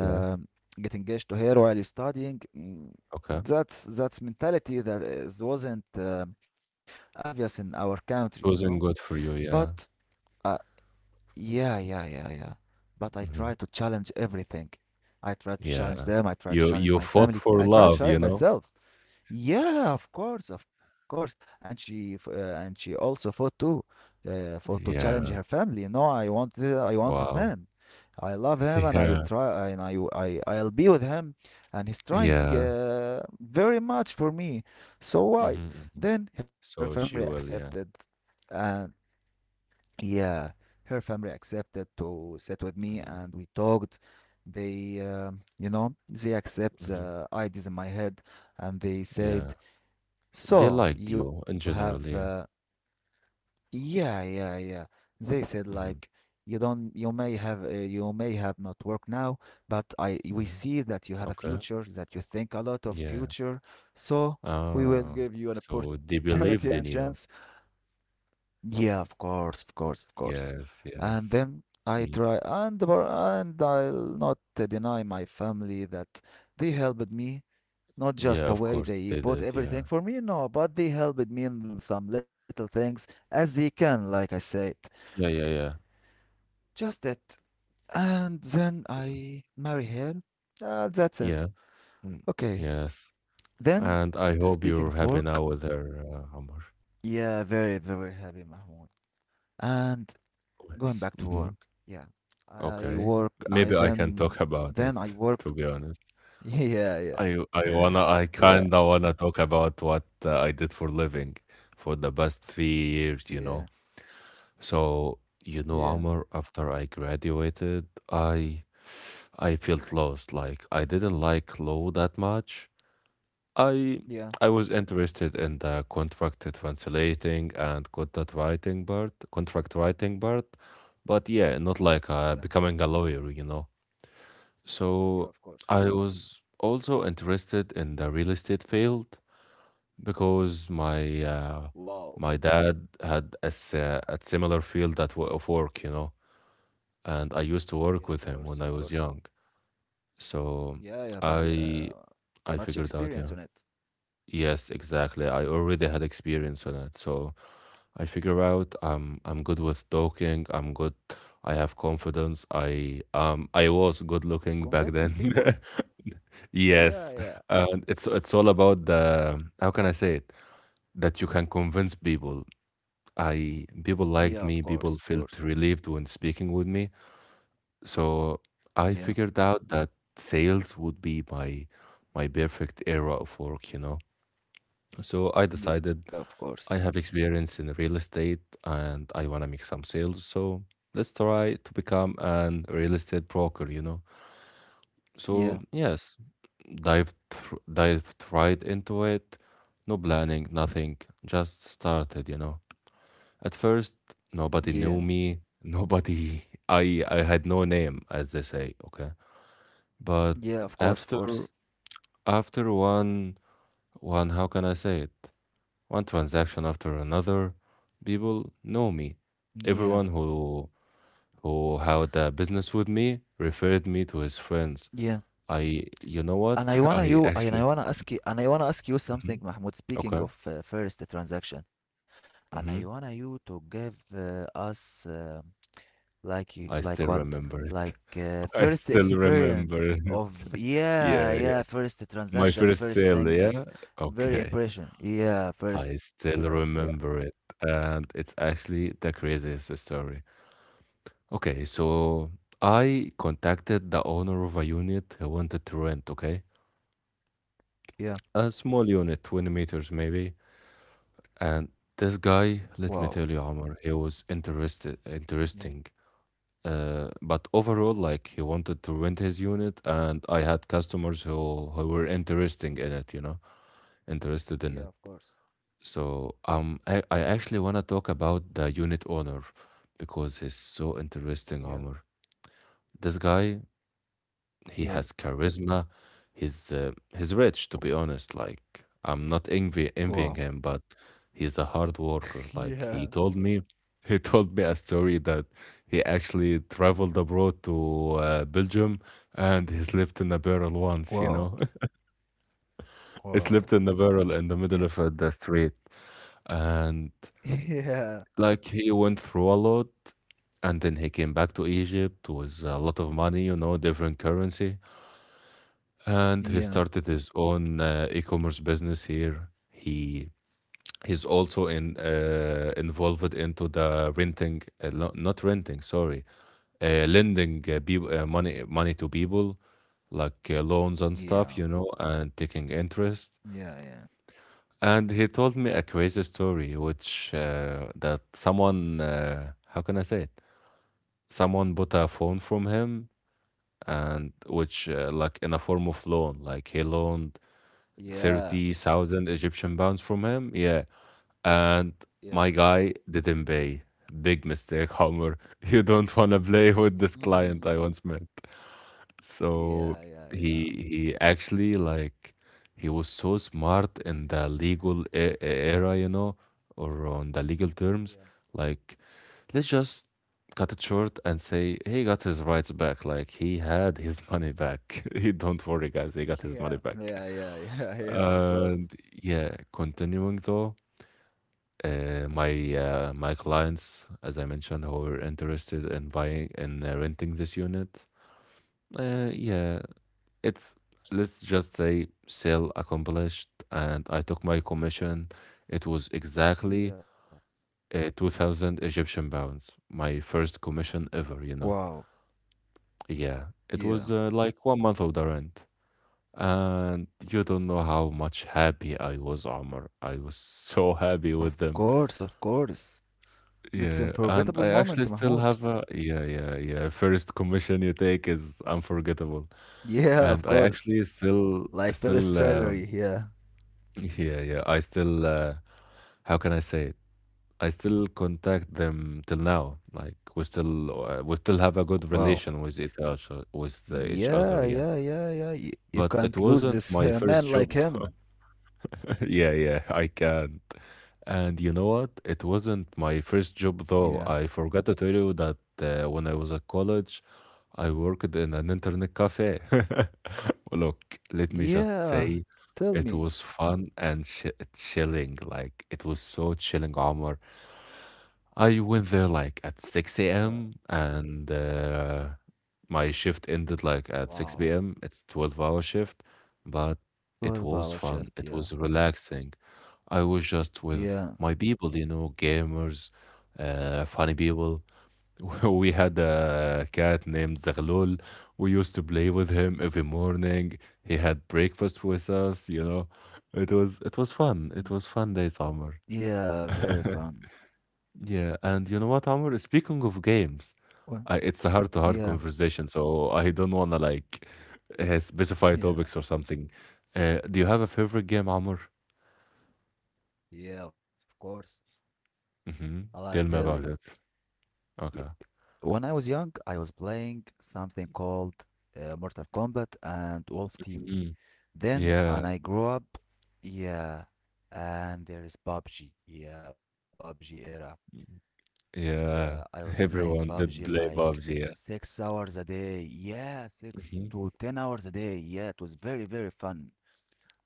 S2: Yeah.
S1: get engaged to her while you're studying."
S2: Okay.
S1: That's mentality that is, wasn't obvious in our country, you know.
S2: It wasn't good for you,
S1: But
S2: yeah.
S1: I yeah, yeah, yeah, yeah. But I try to
S2: Mhm.
S1: challenge everything. I try to challenge them.
S2: Yeah.
S1: I try to
S2: You
S1: challenge my
S2: you fought
S1: family. I
S2: for
S1: try to
S2: love,
S1: challenge
S2: you know?
S1: myself. Yeah, of course, of course. And she also fought too, fought to challenge her family. You
S2: Yeah.
S1: know, I want this man.
S2: Wow.
S1: I love him, and I
S2: [laughs] Yeah.
S1: try, and I'll be with him, and he's trying
S2: Yeah.
S1: very much for me. So why?
S2: Mhm, mhm.
S1: Then her family
S2: So she will,
S1: accepted,
S2: yeah.
S1: and yeah, her family accepted to sit with me and we
S2: Mhm,
S1: talked. They, you know, they accept
S2: mhm.
S1: the ideas in my head and they
S2: Yeah.
S1: said,
S2: They
S1: so
S2: liked
S1: you
S2: you in
S1: have,
S2: general, yeah.
S1: yeah, yeah, yeah. They said, like, you
S2: Mhm,
S1: don't, you may have not work now, but we see
S2: mhm.
S1: that you have a
S2: Okay.
S1: future, that you think a lot of
S2: Yeah.
S1: future. So we will
S2: Ah.
S1: give you an
S2: So they
S1: opportunity and
S2: believed in
S1: chance
S2: you.
S1: yeah, of course, of course, of course.
S2: Yes,
S1: And then
S2: yes.
S1: I try,
S2: Mm.
S1: and br- and I'll not deny my family that they helped me. Not just
S2: Yeah,
S1: the
S2: of
S1: way
S2: course
S1: they
S2: they
S1: bought
S2: did.
S1: everything
S2: Yeah.
S1: for me, no, but they helped me in some little things as they can, like I said.
S2: Yeah, yeah, yeah.
S1: Just it. And then I marry her. That's it.
S2: Yeah. Mm.
S1: Okay.
S2: Yes.
S1: Then,
S2: And I hope
S1: speaking
S2: you're
S1: of
S2: happy
S1: work,
S2: now with her, Omar.
S1: yeah, very, very happy, Mahmoud. And going back to work.
S2: Yes.
S1: Yeah.
S2: Mhm.
S1: I work
S2: Okay.
S1: I
S2: Maybe I can talk [laughs]
S1: then
S2: about
S1: I
S2: it,
S1: work
S2: to be honest.
S1: [laughs] yeah yeah.
S2: I
S1: [laughs] Yeah,
S2: kinda wanna talk about what I did for living for the past three
S1: yeah,
S2: years, you know. So,
S1: yeah,
S2: you know, Amr, after I graduated, I felt lost. Like I didn't like law that much. I
S1: yeah,
S2: I was interested in the contract translating and contract writing part, but yeah, not
S1: yeah,
S2: like becoming a lawyer, you know.
S1: yeah, of
S2: So
S1: course, of course.
S2: I was also interested in the real estate field because
S1: Wow.
S2: my dad had a similar field of work, you know, and I
S1: Yeah,
S2: used
S1: of
S2: to
S1: course,
S2: work
S1: of
S2: with him
S1: course.
S2: when I was young.
S1: Yeah,
S2: So
S1: you have an,
S2: I I
S1: much
S2: figured out,
S1: experience on
S2: yeah.
S1: it.
S2: Yes, exactly. I already had experience on it. So I figure out I'm good with talking, I have confidence. I was good looking back
S1: Convincing people.
S2: then. [laughs]
S1: Yeah,
S2: Yes,
S1: yeah.
S2: and it's all about the how can I say it? That you can convince people. I
S1: Yeah, of
S2: people
S1: course, of
S2: liked me,
S1: course.
S2: people felt relieved when speaking with me. So
S1: Yeah,
S2: I figured out that sales would be my perfect era of work, you know. So I
S1: yeah, of
S2: decided
S1: course.
S2: I have experience in real estate and I want to make some sales, so let's try to become an real estate broker, you know. So,
S1: Yeah,
S2: yes, dived right into it. No planning, nothing. Just started, you know. At first,
S1: yeah,
S2: nobody knew me. Nobody. [laughs] I had no name, as they say. Okay,
S1: yeah,
S2: but
S1: of course, of
S2: after
S1: course.
S2: after one one how can I say it? One transaction after another, people know me.
S1: Yeah,
S2: Everyone who had a business with me referred me to his
S1: yeah.
S2: friends. I you know
S1: And I wanna
S2: what? [laughs]
S1: you
S2: I
S1: and I wanna
S2: actually.
S1: ask you and I wanna ask you something,
S2: Mhm.
S1: Mahmoud. Speaking
S2: Okay.
S1: of first transaction, and I wanna
S2: Mm-hmm.
S1: you to give us like you like what
S2: I still
S1: like
S2: remember it.
S1: first
S2: [laughs] I still
S1: experience
S2: remember
S1: of
S2: it. [laughs]
S1: yeah yeah
S2: Yeah, yeah.
S1: first transaction
S2: My
S1: first
S2: first
S1: thing
S2: sale,
S1: that's
S2: yeah?
S1: very
S2: Okay.
S1: impression yeah first
S2: I
S1: sale
S2: still
S1: yeah
S2: remember it. And it's actually the craziest story. Okay, so I contacted the owner of a unit who wanted to rent, okay?
S1: yeah
S2: A small unit, 20 meters maybe. And this guy,
S1: wow
S2: let me tell you, Omar,
S1: yeah
S2: interesting. But overall, like he wanted to rent his unit, and I had customers who were interesting in it, you know, interested in
S1: yeah
S2: it.
S1: of course
S2: So I actually want to talk about the unit owner because he's so
S1: yeah
S2: interesting, Omar. This guy
S1: yeah
S2: he has charisma. He's rich, to be honest. Like I'm not
S1: wow
S2: envying him, but he's a hard
S1: [laughs]
S2: worker.
S1: yeah
S2: Like he told me, [laughs] he told me a story that he actually traveled abroad to Belgium and he slept in a barrel once. You
S1: wow
S2: know, [laughs] he
S1: wow
S2: slept in a barrel in the middle
S1: yeah
S2: of the street, and
S1: [laughs] yeah
S2: like he went through a lot. And then he came back to Egypt with a lot of money, you know, different currency and
S1: yeah.
S2: he started his own e-commerce business here. He's also in involved into the renting, lo- not renting, sorry, lending money to people, like loans and
S1: Yeah.
S2: stuff, you know, and taking interest.
S1: Yeah, yeah.
S2: And he told me a crazy story, which that someone, how can I say it? Someone bought a phone from him, and which like in a form of loan, like he loaned
S1: Yeah,
S2: 30,000 Egyptian pounds from him. Yeah, and
S1: yeah.
S2: my guy didn't pay. Big mistake, Homer. [laughs] You don't wanna play with this
S1: Mm.
S2: client I once met.
S1: Yeah,
S2: So
S1: yeah, yeah,
S2: he actually, like, he was so smart in the legal era, you know, or on the legal
S1: yeah.
S2: terms. Like, let's just cut it short and say he got his rights back. Like, he had his money back. [laughs] He don't worry, guys. He got his
S1: Yeah,
S2: money back.
S1: yeah, yeah, yeah, [laughs] yeah, of course.
S2: And yeah, continuing though, my clients, as I mentioned, who were interested in buying and renting this unit, yeah, it's, let's just say sale accomplished, and I took my commission. It was exactly
S1: Yeah.
S2: 2,000 Egyptian pounds, my first commission ever.
S1: Wow.
S2: You know, yeah,
S1: Yeah.
S2: it was like 1 month of the rent. And you don't know how much happy I was, Omar. I was [laughs] so
S1: Of
S2: happy with
S1: course,
S2: them.
S1: of course. It's an
S2: Yeah,
S1: unforgettable
S2: and I
S1: moment,
S2: actually
S1: Mahmoud.
S2: still have a, yeah, yeah, yeah. First commission you take is unforgettable,
S1: Yeah, of
S2: and I
S1: course.
S2: actually still,
S1: Like Phyllis
S2: still,
S1: salary.
S2: um,
S1: Yeah.
S2: [laughs] yeah, yeah. I still, how can I say it? I still contact them till now. Like, we still have a
S1: Wow.
S2: good relation with each other, with each
S1: Yeah,
S2: other.
S1: yeah,
S2: Yeah,
S1: yeah, yeah. You
S2: but
S1: can't
S2: it
S1: lose
S2: wasn't
S1: this [laughs]
S2: my
S1: man
S2: first
S1: like
S2: job, [laughs] so
S1: him.
S2: [laughs] yeah, yeah, I can. And you know what? It wasn't my first job
S1: Yeah.
S2: though. I forgot to tell you that when I was at college, I worked in an internet cafe. [laughs] Look, let me just
S1: Yeah,
S2: say,
S1: tell
S2: it
S1: me.
S2: was fun and ch chilling. Like, it was so chilling, Omar. I went there like at
S1: Yeah,
S2: 6 a.m. and my shift ended like at
S1: wow.
S2: 6 p.m. It's 12 hour shift, but it
S1: 12
S2: was
S1: hour
S2: fun.
S1: shift,
S2: It
S1: yeah.
S2: was relaxing. I was just with
S1: Yeah.
S2: my people, you know, gamers, funny people. [laughs] We had a cat named Zaghlul. We used to play with him every morning. He had breakfast with us, you know. It was fun. It
S1: Mm.
S2: was fun day summer.
S1: Yeah,
S2: [laughs]
S1: very fun.
S2: Yeah, and you know what, Amr? Speaking of games,
S1: Well,
S2: I, it's a heart-to-heart
S1: yeah,
S2: conversation, so I don't wanna like specify
S1: yeah,
S2: topics or something. Do you have a favorite game, Amr?
S1: yeah, of course. I'll
S2: Hmm.
S1: tell you.
S2: Tell me about it.
S1: Y-
S2: Okay.
S1: When I was young, I was playing something called Mortal Kombat and Wolf Team.
S2: Mhm.
S1: Then, and
S2: Yeah,
S1: I grew up, yeah, and there is PUBG. Yeah, PUBG era. Yeah, I was
S2: yeah.
S1: playing
S2: [laughs]
S1: PUBG
S2: Everyone
S1: like
S2: did play
S1: six
S2: PUBG.
S1: hours a day. Yeah, six
S2: Yeah.
S1: to
S2: Hmm.
S1: ten hours a day. Yeah, it was very, very fun.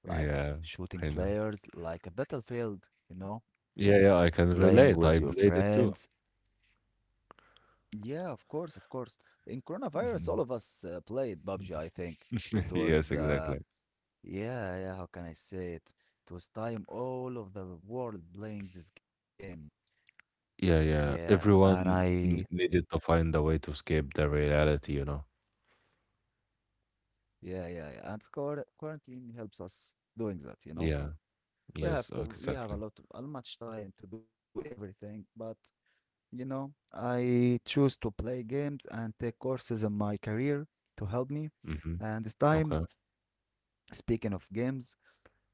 S1: Like
S2: Yeah,
S1: shooting
S2: I know.
S1: players, like a battlefield, you know,
S2: Yeah, yeah. I
S1: playing
S2: can
S1: with your
S2: relate. I
S1: friends.
S2: played it too.
S1: Yeah, of course, of course. In coronavirus, all of us
S2: Mhm.
S1: played PUBG, I think. It was,
S2: [laughs] Yes, exactly.
S1: yeah, how can I say it? It was time all of the world playing this game.
S2: Yeah,
S1: Yeah,
S2: yeah.
S1: and I,
S2: Everyone needed to find a way to escape the reality, you know.
S1: yeah, yeah, yeah. And quarantine helps us doing that.
S2: Yeah. Yes,
S1: We have
S2: exactly.
S1: a much time to do everything, but you know, I choose to play games and take courses in my career to help me.
S2: Mm-hmm.
S1: And this
S2: Okay.
S1: time, speaking of games,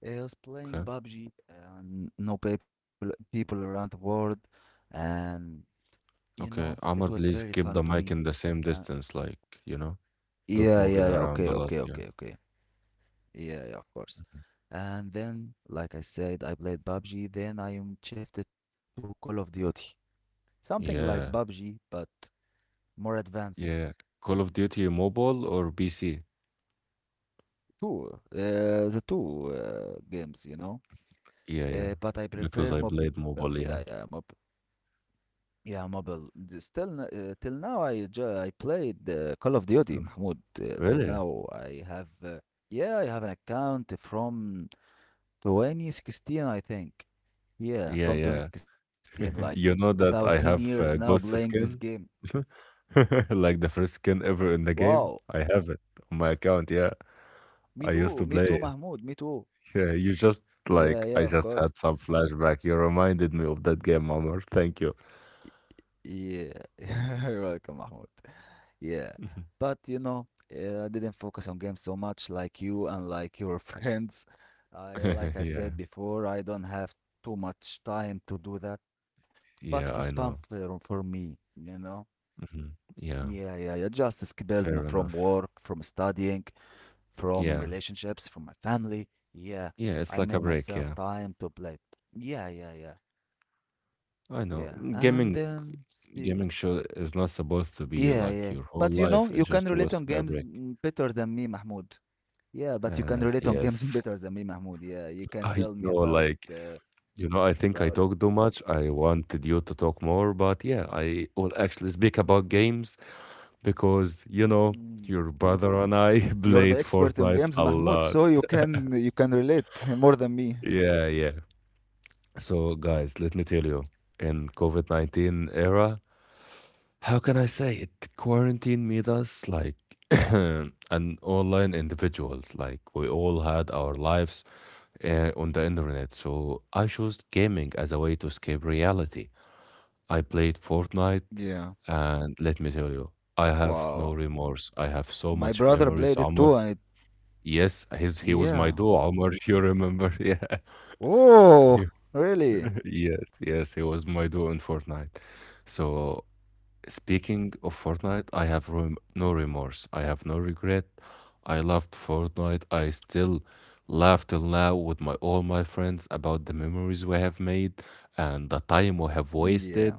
S1: I was playing
S2: Okay.
S1: PUBG and no people around the world, and you know, it was
S2: Okay.
S1: very
S2: Amr,
S1: fun to
S2: please
S1: me.
S2: keep the mic in
S1: Uh,
S2: the same distance, like, you know, don't
S1: yeah.
S2: move it
S1: Okay,
S2: around
S1: okay,
S2: a lot.
S1: okay,
S2: Yeah.
S1: okay. Yeah, yeah, of course. And then, like I said, I played PUBG. Then I am shifted to Call of Duty, something like PUBG,
S2: Yeah.
S1: but more advanced.
S2: Yeah. Call of Duty mobile or PC?
S1: Two the two games, you know,
S2: Yeah, yeah.
S1: but I
S2: Because
S1: prefer
S2: I
S1: mobile.
S2: played
S1: Yeah,
S2: mobile,
S1: yeah,
S2: yeah.
S1: mobile, yeah, mobile. Still, till now I I played Call of Duty,
S2: Mm.
S1: Mahmoud. Till
S2: Really?
S1: now I have, yeah, I have an account from 2016, I think. Yeah,
S2: Yeah,
S1: from
S2: yeah.
S1: 2016, like
S2: [laughs] You know
S1: about 10
S2: that I
S1: years now
S2: have
S1: playing this
S2: ghost
S1: game.
S2: skin? [laughs] Like the first skin ever
S1: Wow.
S2: in the game? I have it on my account, yeah.
S1: Me too,
S2: I
S1: me too,
S2: used to play
S1: Mahmoud,
S2: it.
S1: me too.
S2: Yeah, you just,
S1: Yeah, yeah,
S2: like,
S1: of
S2: I
S1: course.
S2: just had some flashback. You reminded me of that game, Omar. Thank you.
S1: Yeah, [laughs] you're welcome, Mahmoud. Yeah, but
S2: Mhm.
S1: you know, I didn't focus on games so much like you and like your [laughs] friends. I,
S2: [laughs]
S1: like I
S2: Yeah.
S1: said before, I don't have too much time to do that, but it was
S2: Yeah,
S1: fun
S2: I know.
S1: for me, you know?
S2: Hmm.
S1: Yeah, yeah,
S2: Yeah,
S1: yeah, just escapism from
S2: fair
S1: work,
S2: enough.
S1: from studying, from
S2: Yeah.
S1: relationships, from my family. Yeah,
S2: Yeah, it's
S1: I
S2: like
S1: made
S2: a break,
S1: myself
S2: yeah.
S1: time to play. Yeah, yeah, yeah,
S2: I
S1: yeah.
S2: know.
S1: And
S2: Mm.
S1: then
S2: Gaming
S1: speak.
S2: gaming show is not
S1: Yeah,
S2: supposed to
S1: yeah.
S2: be
S1: But you
S2: like your
S1: know, you
S2: whole
S1: can
S2: life.
S1: relate
S2: It's
S1: on
S2: just
S1: games
S2: supposed to be a break.
S1: better than me, Mahmoud. Yeah, but you can relate on games [laughs] better
S2: Yes.
S1: than me, Mahmoud. Yeah, you
S2: [laughs]
S1: can
S2: I
S1: tell me
S2: know, like,
S1: uh,
S2: you know, I think I
S1: about it.
S2: talk too much. I wanted you to talk more, but yeah, I will actually speak about games because, you
S1: Mm.
S2: know, your brother and I [laughs]
S1: You're the
S2: played
S1: expert on games,
S2: Fortnite a
S1: Mahmoud, so
S2: lot.
S1: you can relate [laughs] more than me.
S2: Yeah, yeah. So guys, let me tell you, in COVID 19 era, how can I say it? Quarantine made us like [coughs] [clears throat] an online individuals. Like, we all had our lives on the internet. So I chose gaming as a way to escape reality. I played
S1: Yeah.
S2: Fortnite, and let me tell you,
S1: Wow.
S2: I have no remorse. I
S1: My
S2: have
S1: brother
S2: so
S1: played
S2: much
S1: it too,
S2: memories,
S1: and it,
S2: Omar. Yes, his,
S1: yeah.
S2: he was my duo, Omar, if you remember. [laughs] Yeah.
S1: Oh,
S2: You-
S1: really?
S2: [laughs] yes, yes, he was my duo in Fortnite. So speaking of Fortnite, I have no remorse. I have no regret. I loved Fortnite. I still laugh till now with my all my friends about the memories we have made and the time we have
S1: Yeah.
S2: wasted.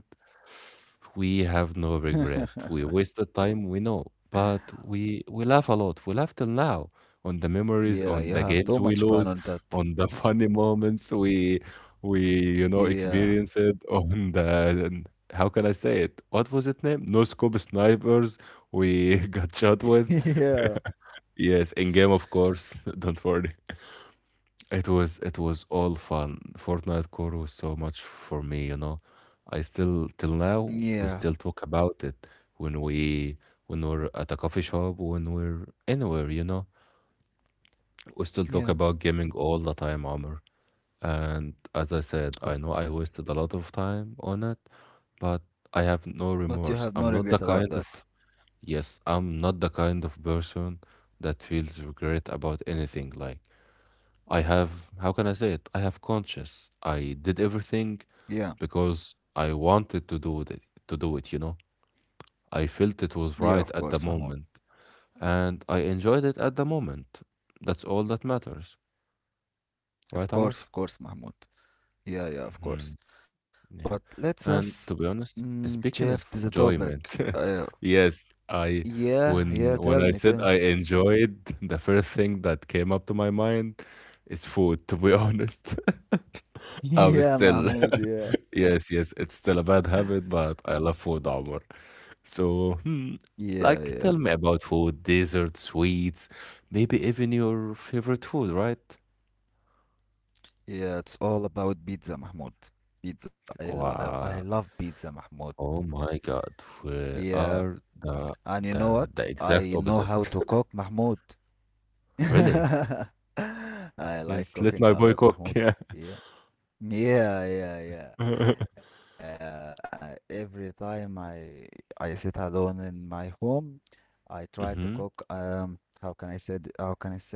S2: We have no
S1: [laughs]
S2: regret. We wasted time, we know, but we laugh a lot. We laugh till now on the
S1: Yeah,
S2: memories,
S1: you
S2: on
S1: have
S2: the
S1: too much
S2: games we
S1: fun on
S2: lose,
S1: that.
S2: on the [laughs] funny moments we, you know,
S1: Yeah.
S2: experience it on the, how can I say it? What was it name? No scope snipers we [laughs] got shot
S1: [laughs]
S2: with.
S1: Yeah.
S2: Yes, in game of course. [laughs] Don't worry. It was, it was all fun. Fortnite core was so much for me, you know. I still till now,
S1: Yeah.
S2: we still talk about it when we when we're at a coffee shop, when we're anywhere, you know. We still
S1: Yeah.
S2: talk about gaming all the time, Amr. And as I said,
S1: Of-
S2: I know I wasted a lot of time on it, but I have
S1: But you
S2: no
S1: have no
S2: remorse.
S1: regret
S2: I'm
S1: about
S2: not the
S1: that.
S2: kind of, yes, I'm not the kind of person that feels regret about anything. Like, I have, how can I say it? I have conscience. I did everything
S1: Yeah,
S2: because I wanted to do it, you know? I felt
S1: yeah,
S2: it
S1: of
S2: was
S1: course,
S2: right at
S1: Mahmoud.
S2: the moment, and I enjoyed it at the moment. That's all that matters. Right,
S1: Of
S2: Amr?
S1: course, Mahmoud. Yeah, yeah, of course. But
S2: Yeah.
S1: let's us
S2: And to be honest,
S1: shift the
S2: speaking of
S1: topic. Uh,
S2: enjoyment, [laughs] yes, I,
S1: yeah, yeah, tell me,
S2: when
S1: tell
S2: I
S1: me.
S2: said I enjoyed, the first thing that came up to my mind is food, to be honest.
S1: [laughs]
S2: [laughs] I'm
S1: Yeah,
S2: still
S1: Mahmoud, yeah.
S2: [laughs] yes, yes, it's still a bad habit, but I love food, Omar. So, hmm,
S1: Yeah, yeah.
S2: like, tell me about food, dessert, sweets, maybe even your favorite food, right?
S1: Yeah, it's all about pizza, Mahmoud. Pizza. I love
S2: Wow.
S1: pizza, Mahmoud.
S2: Oh my God,
S1: Yeah.
S2: we are
S1: And you
S2: the
S1: know what?
S2: the
S1: I know
S2: exact
S1: how
S2: opposite.
S1: to cook,
S2: [laughs]
S1: Mahmoud.
S2: Really?
S1: [laughs] I like
S2: Yes,
S1: cooking
S2: let
S1: a
S2: my
S1: lot,
S2: boy cook.
S1: Mahmoud.
S2: Yeah.
S1: Yeah. Yeah, yeah, yeah.
S2: [laughs]
S1: Every time I sit alone in my home, I try to cook.
S2: Mm-hmm.
S1: How can I said? How can I say it?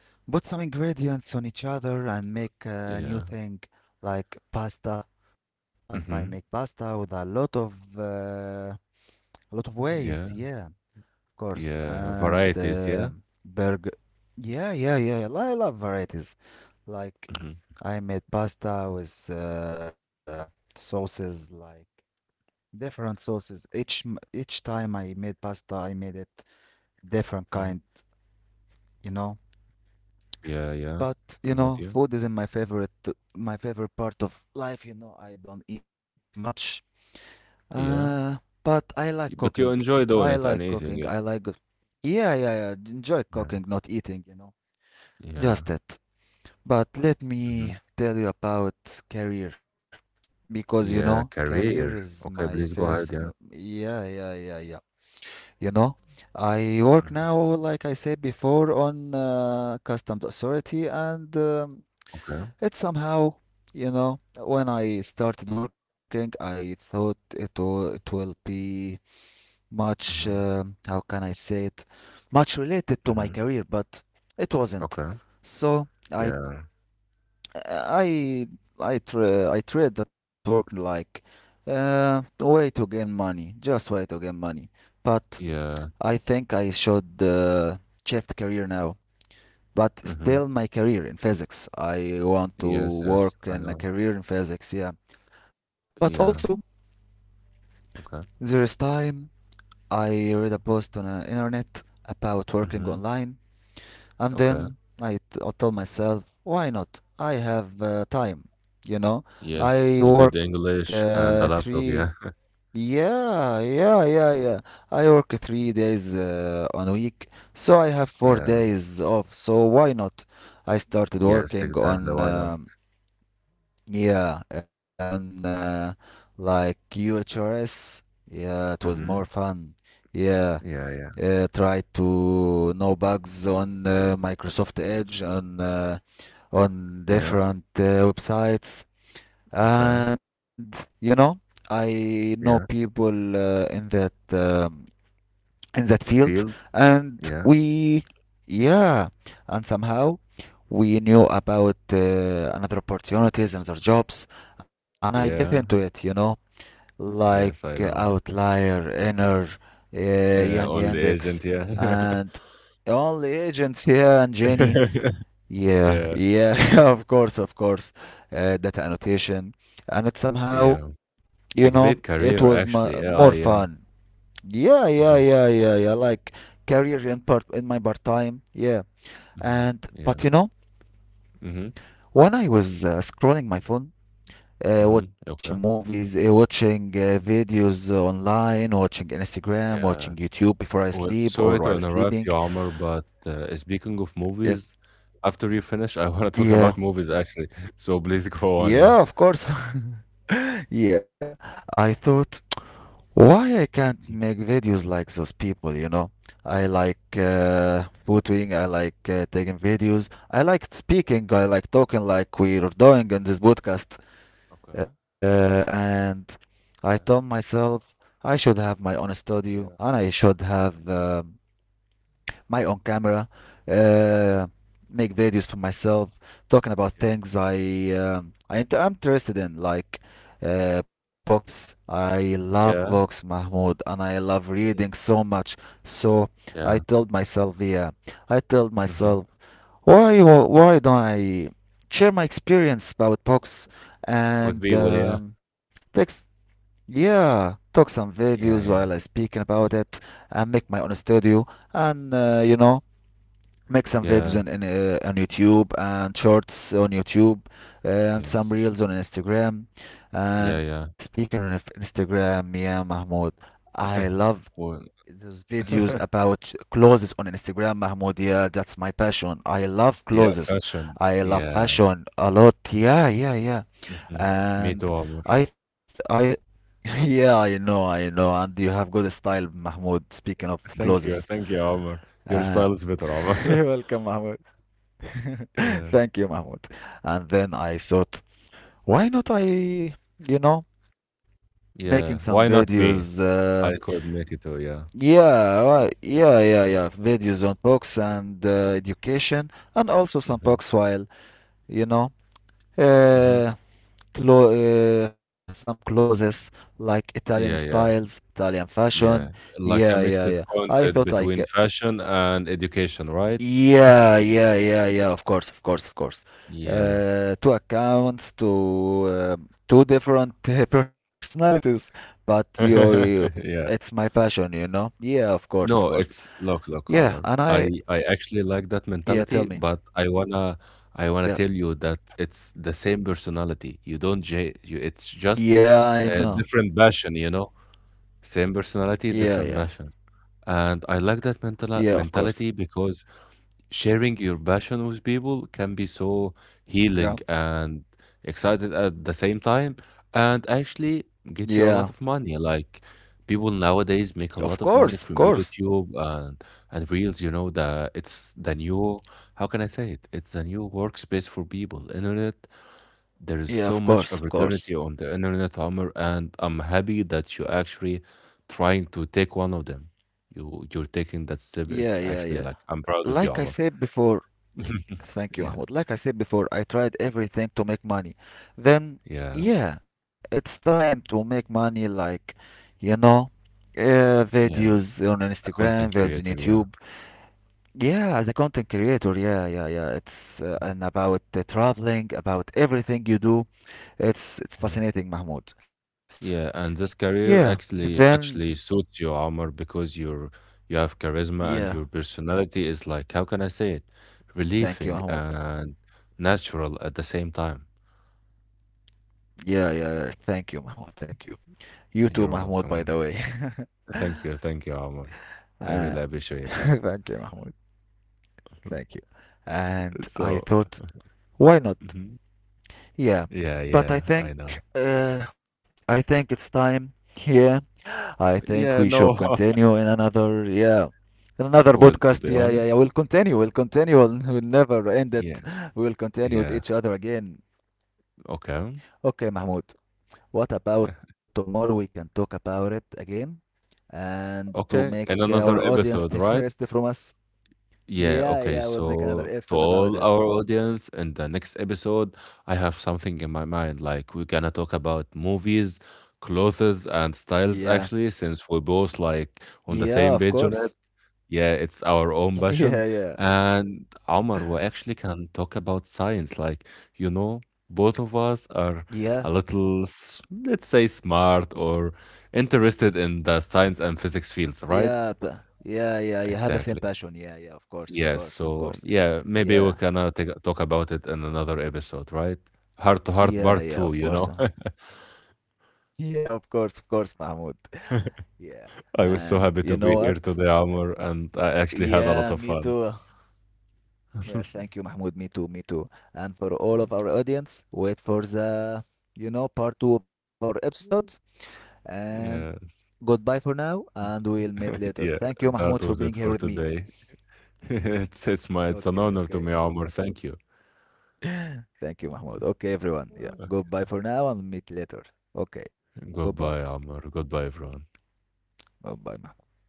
S1: Put some ingredients on each other and make a new
S2: Yeah.
S1: thing like pasta. Pasta. I make
S2: Mm-hmm.
S1: pasta with a lot of ways. Yeah, of
S2: Yeah.
S1: course. And
S2: Yeah. Varieties. Yeah.
S1: burger. Yeah. I love varieties like.
S2: Mm-hmm.
S1: I made pasta with sauces like different sauces. Each time I made pasta, I made it different kind,
S2: Mm.
S1: you know.
S2: Yeah. Yeah.
S1: But you know,
S2: I'm with
S1: food
S2: you.
S1: isn't my favorite part of life. You know, I don't eat much. Uh,
S2: Yeah.
S1: but I like cooking.
S2: Y- but you
S1: I
S2: enjoy
S1: like
S2: doing it
S1: cooking.
S2: and
S1: I
S2: eating
S1: like.
S2: it.
S1: Yeah, yeah, yeah. Enjoy cooking,
S2: Yeah.
S1: not eating. You know,
S2: Yeah.
S1: just it. But let me
S2: Mm-hmm.
S1: tell you about career, because you know
S2: Yeah.
S1: career is
S2: Career.
S1: my
S2: Okay. Please go ahead. Yeah.
S1: you know, I work now
S2: Mm.
S1: like I said before on customs authority, and
S2: Okay.
S1: it somehow, you know, when I started working, I thought it will be much,
S2: Mm-hmm.
S1: how can I say it, much related to my career,
S2: Mm-hmm.
S1: but it wasn't.
S2: Okay.
S1: So i
S2: Yeah.
S1: I I tra I treat that work like a way to gain just way to gain money. But I
S2: Yeah.
S1: think I should, shift career now. But still,
S2: Mm-hmm.
S1: my career in physics. I want to
S2: Yes. Yes.
S1: work
S2: I
S1: in a
S2: know.
S1: career in physics. Yeah. But also,
S2: Yeah. Okay.
S1: there is time. I read a post on the internet about working
S2: Hmm.
S1: online. And then
S2: Okay.
S1: I told myself, why not? I have, time, you know.
S2: Yes,
S1: I
S2: you got
S1: work
S2: the English and the
S1: three,
S2: laptop, yeah? [laughs]
S1: yeah, yeah, yeah, yeah. I work 3 days on a week, so I have four
S2: Yeah.
S1: days off. So why not? I started
S2: Yes,
S1: working
S2: exactly.
S1: on,
S2: Why not?
S1: yeah, on uh, like UHRS. Yeah, it was more fun.
S2: Hmm.
S1: Yeah,
S2: Yeah, yeah.
S1: try to know bugs on, Microsoft Edge, on
S2: Yeah.
S1: different websites,
S2: Okay.
S1: and you know, I know
S2: Yeah.
S1: people, in that, in that field.
S2: Field.
S1: and
S2: Yeah.
S1: we yeah and somehow
S2: Mhm.
S1: we knew about, another opportunities and their jobs, and I get
S2: Yeah.
S1: into it, you know, like,
S2: Yes, I know.
S1: Outlier, Inner, Young
S2: Only
S1: Yandex,
S2: agent, yeah.
S1: and only agents here and Jenny.
S2: [laughs] [laughs] Yeah.
S1: Yeah, yeah, [laughs] of course, of course. Data annotation, and it
S2: Yeah.
S1: somehow,
S2: A
S1: you
S2: great
S1: know,
S2: career,
S1: it was
S2: actually. AI,
S1: more
S2: yeah.
S1: fun. Yeah, yeah,
S2: Hmm.
S1: yeah, yeah, yeah. Like career in part in my part time. Yeah,
S2: Hmm.
S1: and
S2: Yeah.
S1: but you know,
S2: Hmm.
S1: when I was, scrolling my phone,
S2: Hmm.
S1: watching
S2: Okay.
S1: movies, watching videos online, watching Instagram, watching
S2: Yeah.
S1: YouTube before I
S2: Well,
S1: sleep or while
S2: sorry to
S1: sleeping.
S2: interrupt you, Omar, but speaking of
S1: Uh,
S2: movies, after you finish, I [laughs] want to talk
S1: yeah,
S2: about movies actually. [laughs] So please go on, yeah.
S1: yeah, of course. [laughs] Yeah, I thought, why I can't make
S2: Mhm.
S1: videos like those people, you know? I like, photoing, I like, taking videos, I like speaking, I like talking like we're doing in this podcast.
S2: Okay.
S1: And I told
S2: Yeah.
S1: myself, I should have my own
S2: Hmm.
S1: studio, and I
S2: Yeah.
S1: should have, my own camera, uh,
S2: Okay.
S1: make videos for myself, talking about
S2: Yeah.
S1: things I, I'm interested in, like, books. I love books,
S2: Yeah.
S1: Mahmoud, and I love reading so
S2: Really?
S1: much. So I told
S2: Yeah.
S1: myself, I told myself,
S2: Hmm.
S1: why don't I share my experience about books
S2: With
S1: and,
S2: people, yeah.
S1: text? Yeah, talk some videos while I
S2: Yeah. Yeah.
S1: speaking about it,
S2: Y-.
S1: and make my own studio, and, you know, make some videos
S2: Yeah.
S1: on YouTube, and shorts on YouTube, and some
S2: Yes.
S1: reels on Instagram. And
S2: Yeah. Yeah.
S1: speaking of Instagram, yeah, Mahmoud, I love
S2: [laughs]
S1: those
S2: Well,
S1: videos about
S2: [laughs]
S1: clothes on Instagram, Mahmoud. Yeah, that's my passion. I love
S2: yeah.
S1: clothes. I
S2: Fashion.
S1: love
S2: Yeah.
S1: fashion a lot. Yeah, yeah, yeah.
S2: Hmm. Me too,
S1: And
S2: Omar.
S1: I, th- I. [laughs] Yeah, I know, and you have good style, Mahmoud. Speaking of clothes,
S2: Thank you. Thank you, Omar.
S1: uh,
S2: Your style is
S1: [laughs]
S2: better,
S1: you're
S2: Omar.
S1: welcome,
S2: [laughs]
S1: Mahmoud. [laughs] Thank you,
S2: Yeah.
S1: Mahmoud. And then I thought, why not I, you know, making some
S2: Yeah. Why not
S1: videos?
S2: me? I couldn't make it to, yeah.
S1: Yeah, yeah, yeah. Videos on books and, education, and also some books
S2: Mhm,
S1: while, you know,
S2: mhm.
S1: uh, clo- some clothes like Italian
S2: Yeah,
S1: styles,
S2: yeah,
S1: Italian fashion.
S2: yeah.
S1: Yeah,
S2: Like
S1: yeah,
S2: a
S1: yeah.
S2: mixed
S1: I thought I
S2: content
S1: c-
S2: between fashion and education, right?
S1: Yeah, yeah, yeah, yeah. Of course, of course, of course.
S2: Yes.
S1: Two accounts, two, two different [laughs] personalities, but you,
S2: [laughs]
S1: it's my
S2: Yeah.
S1: passion, you know. Yeah, of course, of course.
S2: No, it's, look,
S1: Yeah,
S2: look,
S1: and I,
S2: Omar. I actually like that
S1: yeah, tell me.
S2: mentality, but I wanna, I
S1: Yeah,
S2: wanna tell you that it's the same personality. You don't j- you, it's just
S1: yeah, I
S2: a
S1: know.
S2: different passion, you know? Same personality,
S1: Yeah,
S2: different
S1: yeah,
S2: passions. And I like that mental
S1: yeah. Of course.
S2: mentality because sharing your passion with people can be so healing
S1: Yeah,
S2: and excited at the same time and actually get you a lot
S1: yeah.
S2: of money, like people nowadays make a lot
S1: Of
S2: of money
S1: course, of
S2: from
S1: course.
S2: YouTube and Reels, you know, the, it's the new, how can I say it, it's the new workspace for people, internet. There is
S1: Yeah,
S2: so
S1: of
S2: much
S1: course, of
S2: opportunity
S1: course.
S2: on the internet, Omar, and I'm happy that you actually trying to take one of them. You, you're taking that step
S1: Yeah,
S2: is
S1: yeah, yeah.
S2: actually like, I'm proud of
S1: Like
S2: you,
S1: I
S2: Omar.
S1: said before.
S2: [laughs]
S1: Thank you,
S2: Yeah,
S1: Ahmed. Like I said before, I tried everything to make money. Then,
S2: yeah,
S1: yeah, it's time to make money, like, you know, videos on
S2: yeah.
S1: Instagram,
S2: A
S1: videos on
S2: content
S1: YouTube.
S2: creator, yeah.
S1: Yeah, as a content creator, yeah, yeah, yeah. It's
S2: Mhm.
S1: and about traveling, about everything you do. It's
S2: Yeah.
S1: fascinating, Mahmoud.
S2: Yeah, and this
S1: Yeah,
S2: career
S1: then,
S2: actually suits you, Omar, because you're, you have
S1: yeah,
S2: charisma and your personality is like, how can I say it?
S1: thank you, Mahmoud.
S2: Relieving and natural at the same time.
S1: Yeah, yeah, yeah. Thank you, Mahmoud. Thank you. You too, Mahmoud,
S2: You're
S1: by the
S2: welcome.
S1: way.
S2: Omar.
S1: [laughs]
S2: Thank you, Omar.
S1: Uh,
S2: I
S1: [laughs]
S2: really appreciate
S1: thank you,
S2: that.
S1: Mahmoud. Thank you.
S2: [laughs]
S1: And I
S2: So,
S1: thought, why not?
S2: mhm.
S1: Yeah,
S2: Yeah,
S1: but
S2: yeah, I know.
S1: uh, I think it's time. Yeah, I think we should
S2: Yeah, no.
S1: continue in
S2: [laughs]
S1: another, yeah, in another podcast.
S2: Well,
S1: Yeah,
S2: to
S1: yeah,
S2: be
S1: yeah. We'll
S2: honest,
S1: continue. We'll continue. We'll, [laughs] we'll never end it.
S2: yeah,
S1: We will continue with
S2: yeah.
S1: each other again.
S2: Okay.
S1: Okay, Mahmoud. What about
S2: [laughs]
S1: tomorrow? We can talk about it again, and to make our
S2: Okay, and
S1: audience
S2: another
S1: take [laughs] the rest
S2: episode,
S1: from
S2: right?
S1: us. Yeah, yeah.
S2: Yeah,
S1: We'll make
S2: okay.
S1: another episode
S2: So,
S1: about
S2: to
S1: it.
S2: all our audience, in the next episode, I have something in my mind. Like, we're gonna talk about movies, clothes, and
S1: Yeah.
S2: styles, actually, since we're both like on
S1: Yeah,
S2: the
S1: of
S2: same page
S1: course.
S2: on it. Yeah, it's our own
S1: Yeah,
S2: passion.
S1: yeah,
S2: And Omar, we actually can talk about science. Like, you know, both of us are
S1: yeah,
S2: a little, let's say, smart or interested in the science and physics fields,
S1: yeah,
S2: right?
S1: but yeah, yeah, you have the same
S2: Exactly.
S1: passion. Yeah, yeah, of course, of
S2: Yes,
S1: course, of course.
S2: so yeah, maybe
S1: Yeah,
S2: we can talk about it in another episode, right? Heart to Heart
S1: yeah,
S2: Part
S1: yeah,
S2: 2,
S1: of
S2: you
S1: course.
S2: know?
S1: Mahmoud.
S2: [laughs]
S1: Yeah, of course, Mahmoud. [laughs] Yeah,
S2: I
S1: and
S2: was so
S1: you know
S2: happy to be
S1: what?
S2: here today, Amr, and I actually
S1: Yeah,
S2: had a
S1: me
S2: lot of
S1: too.
S2: fun.
S1: Yeah, thank you,
S2: [laughs]
S1: Mahmoud. Me too, me too. And for all of our audience, wait for the, you know, part two of our episodes. And
S2: Yes.
S1: goodbye for now, and we'll meet
S2: [laughs]
S1: later.
S2: Yeah,
S1: Thank you,
S2: that
S1: Mahmoud, for
S2: was it
S1: being
S2: for
S1: here with me.
S2: today. [laughs] It's my it's an honor
S1: Okay,
S2: to me,
S1: okay.
S2: Amr. Thank you.
S1: Thank you, Mahmoud. Okay, everyone.
S2: Okay.
S1: Yeah. Goodbye for now and meet later. Okay.
S2: Goodbye,
S1: Goodbye.
S2: Amr. Goodbye, everyone.
S1: Goodbye, Mahmoud.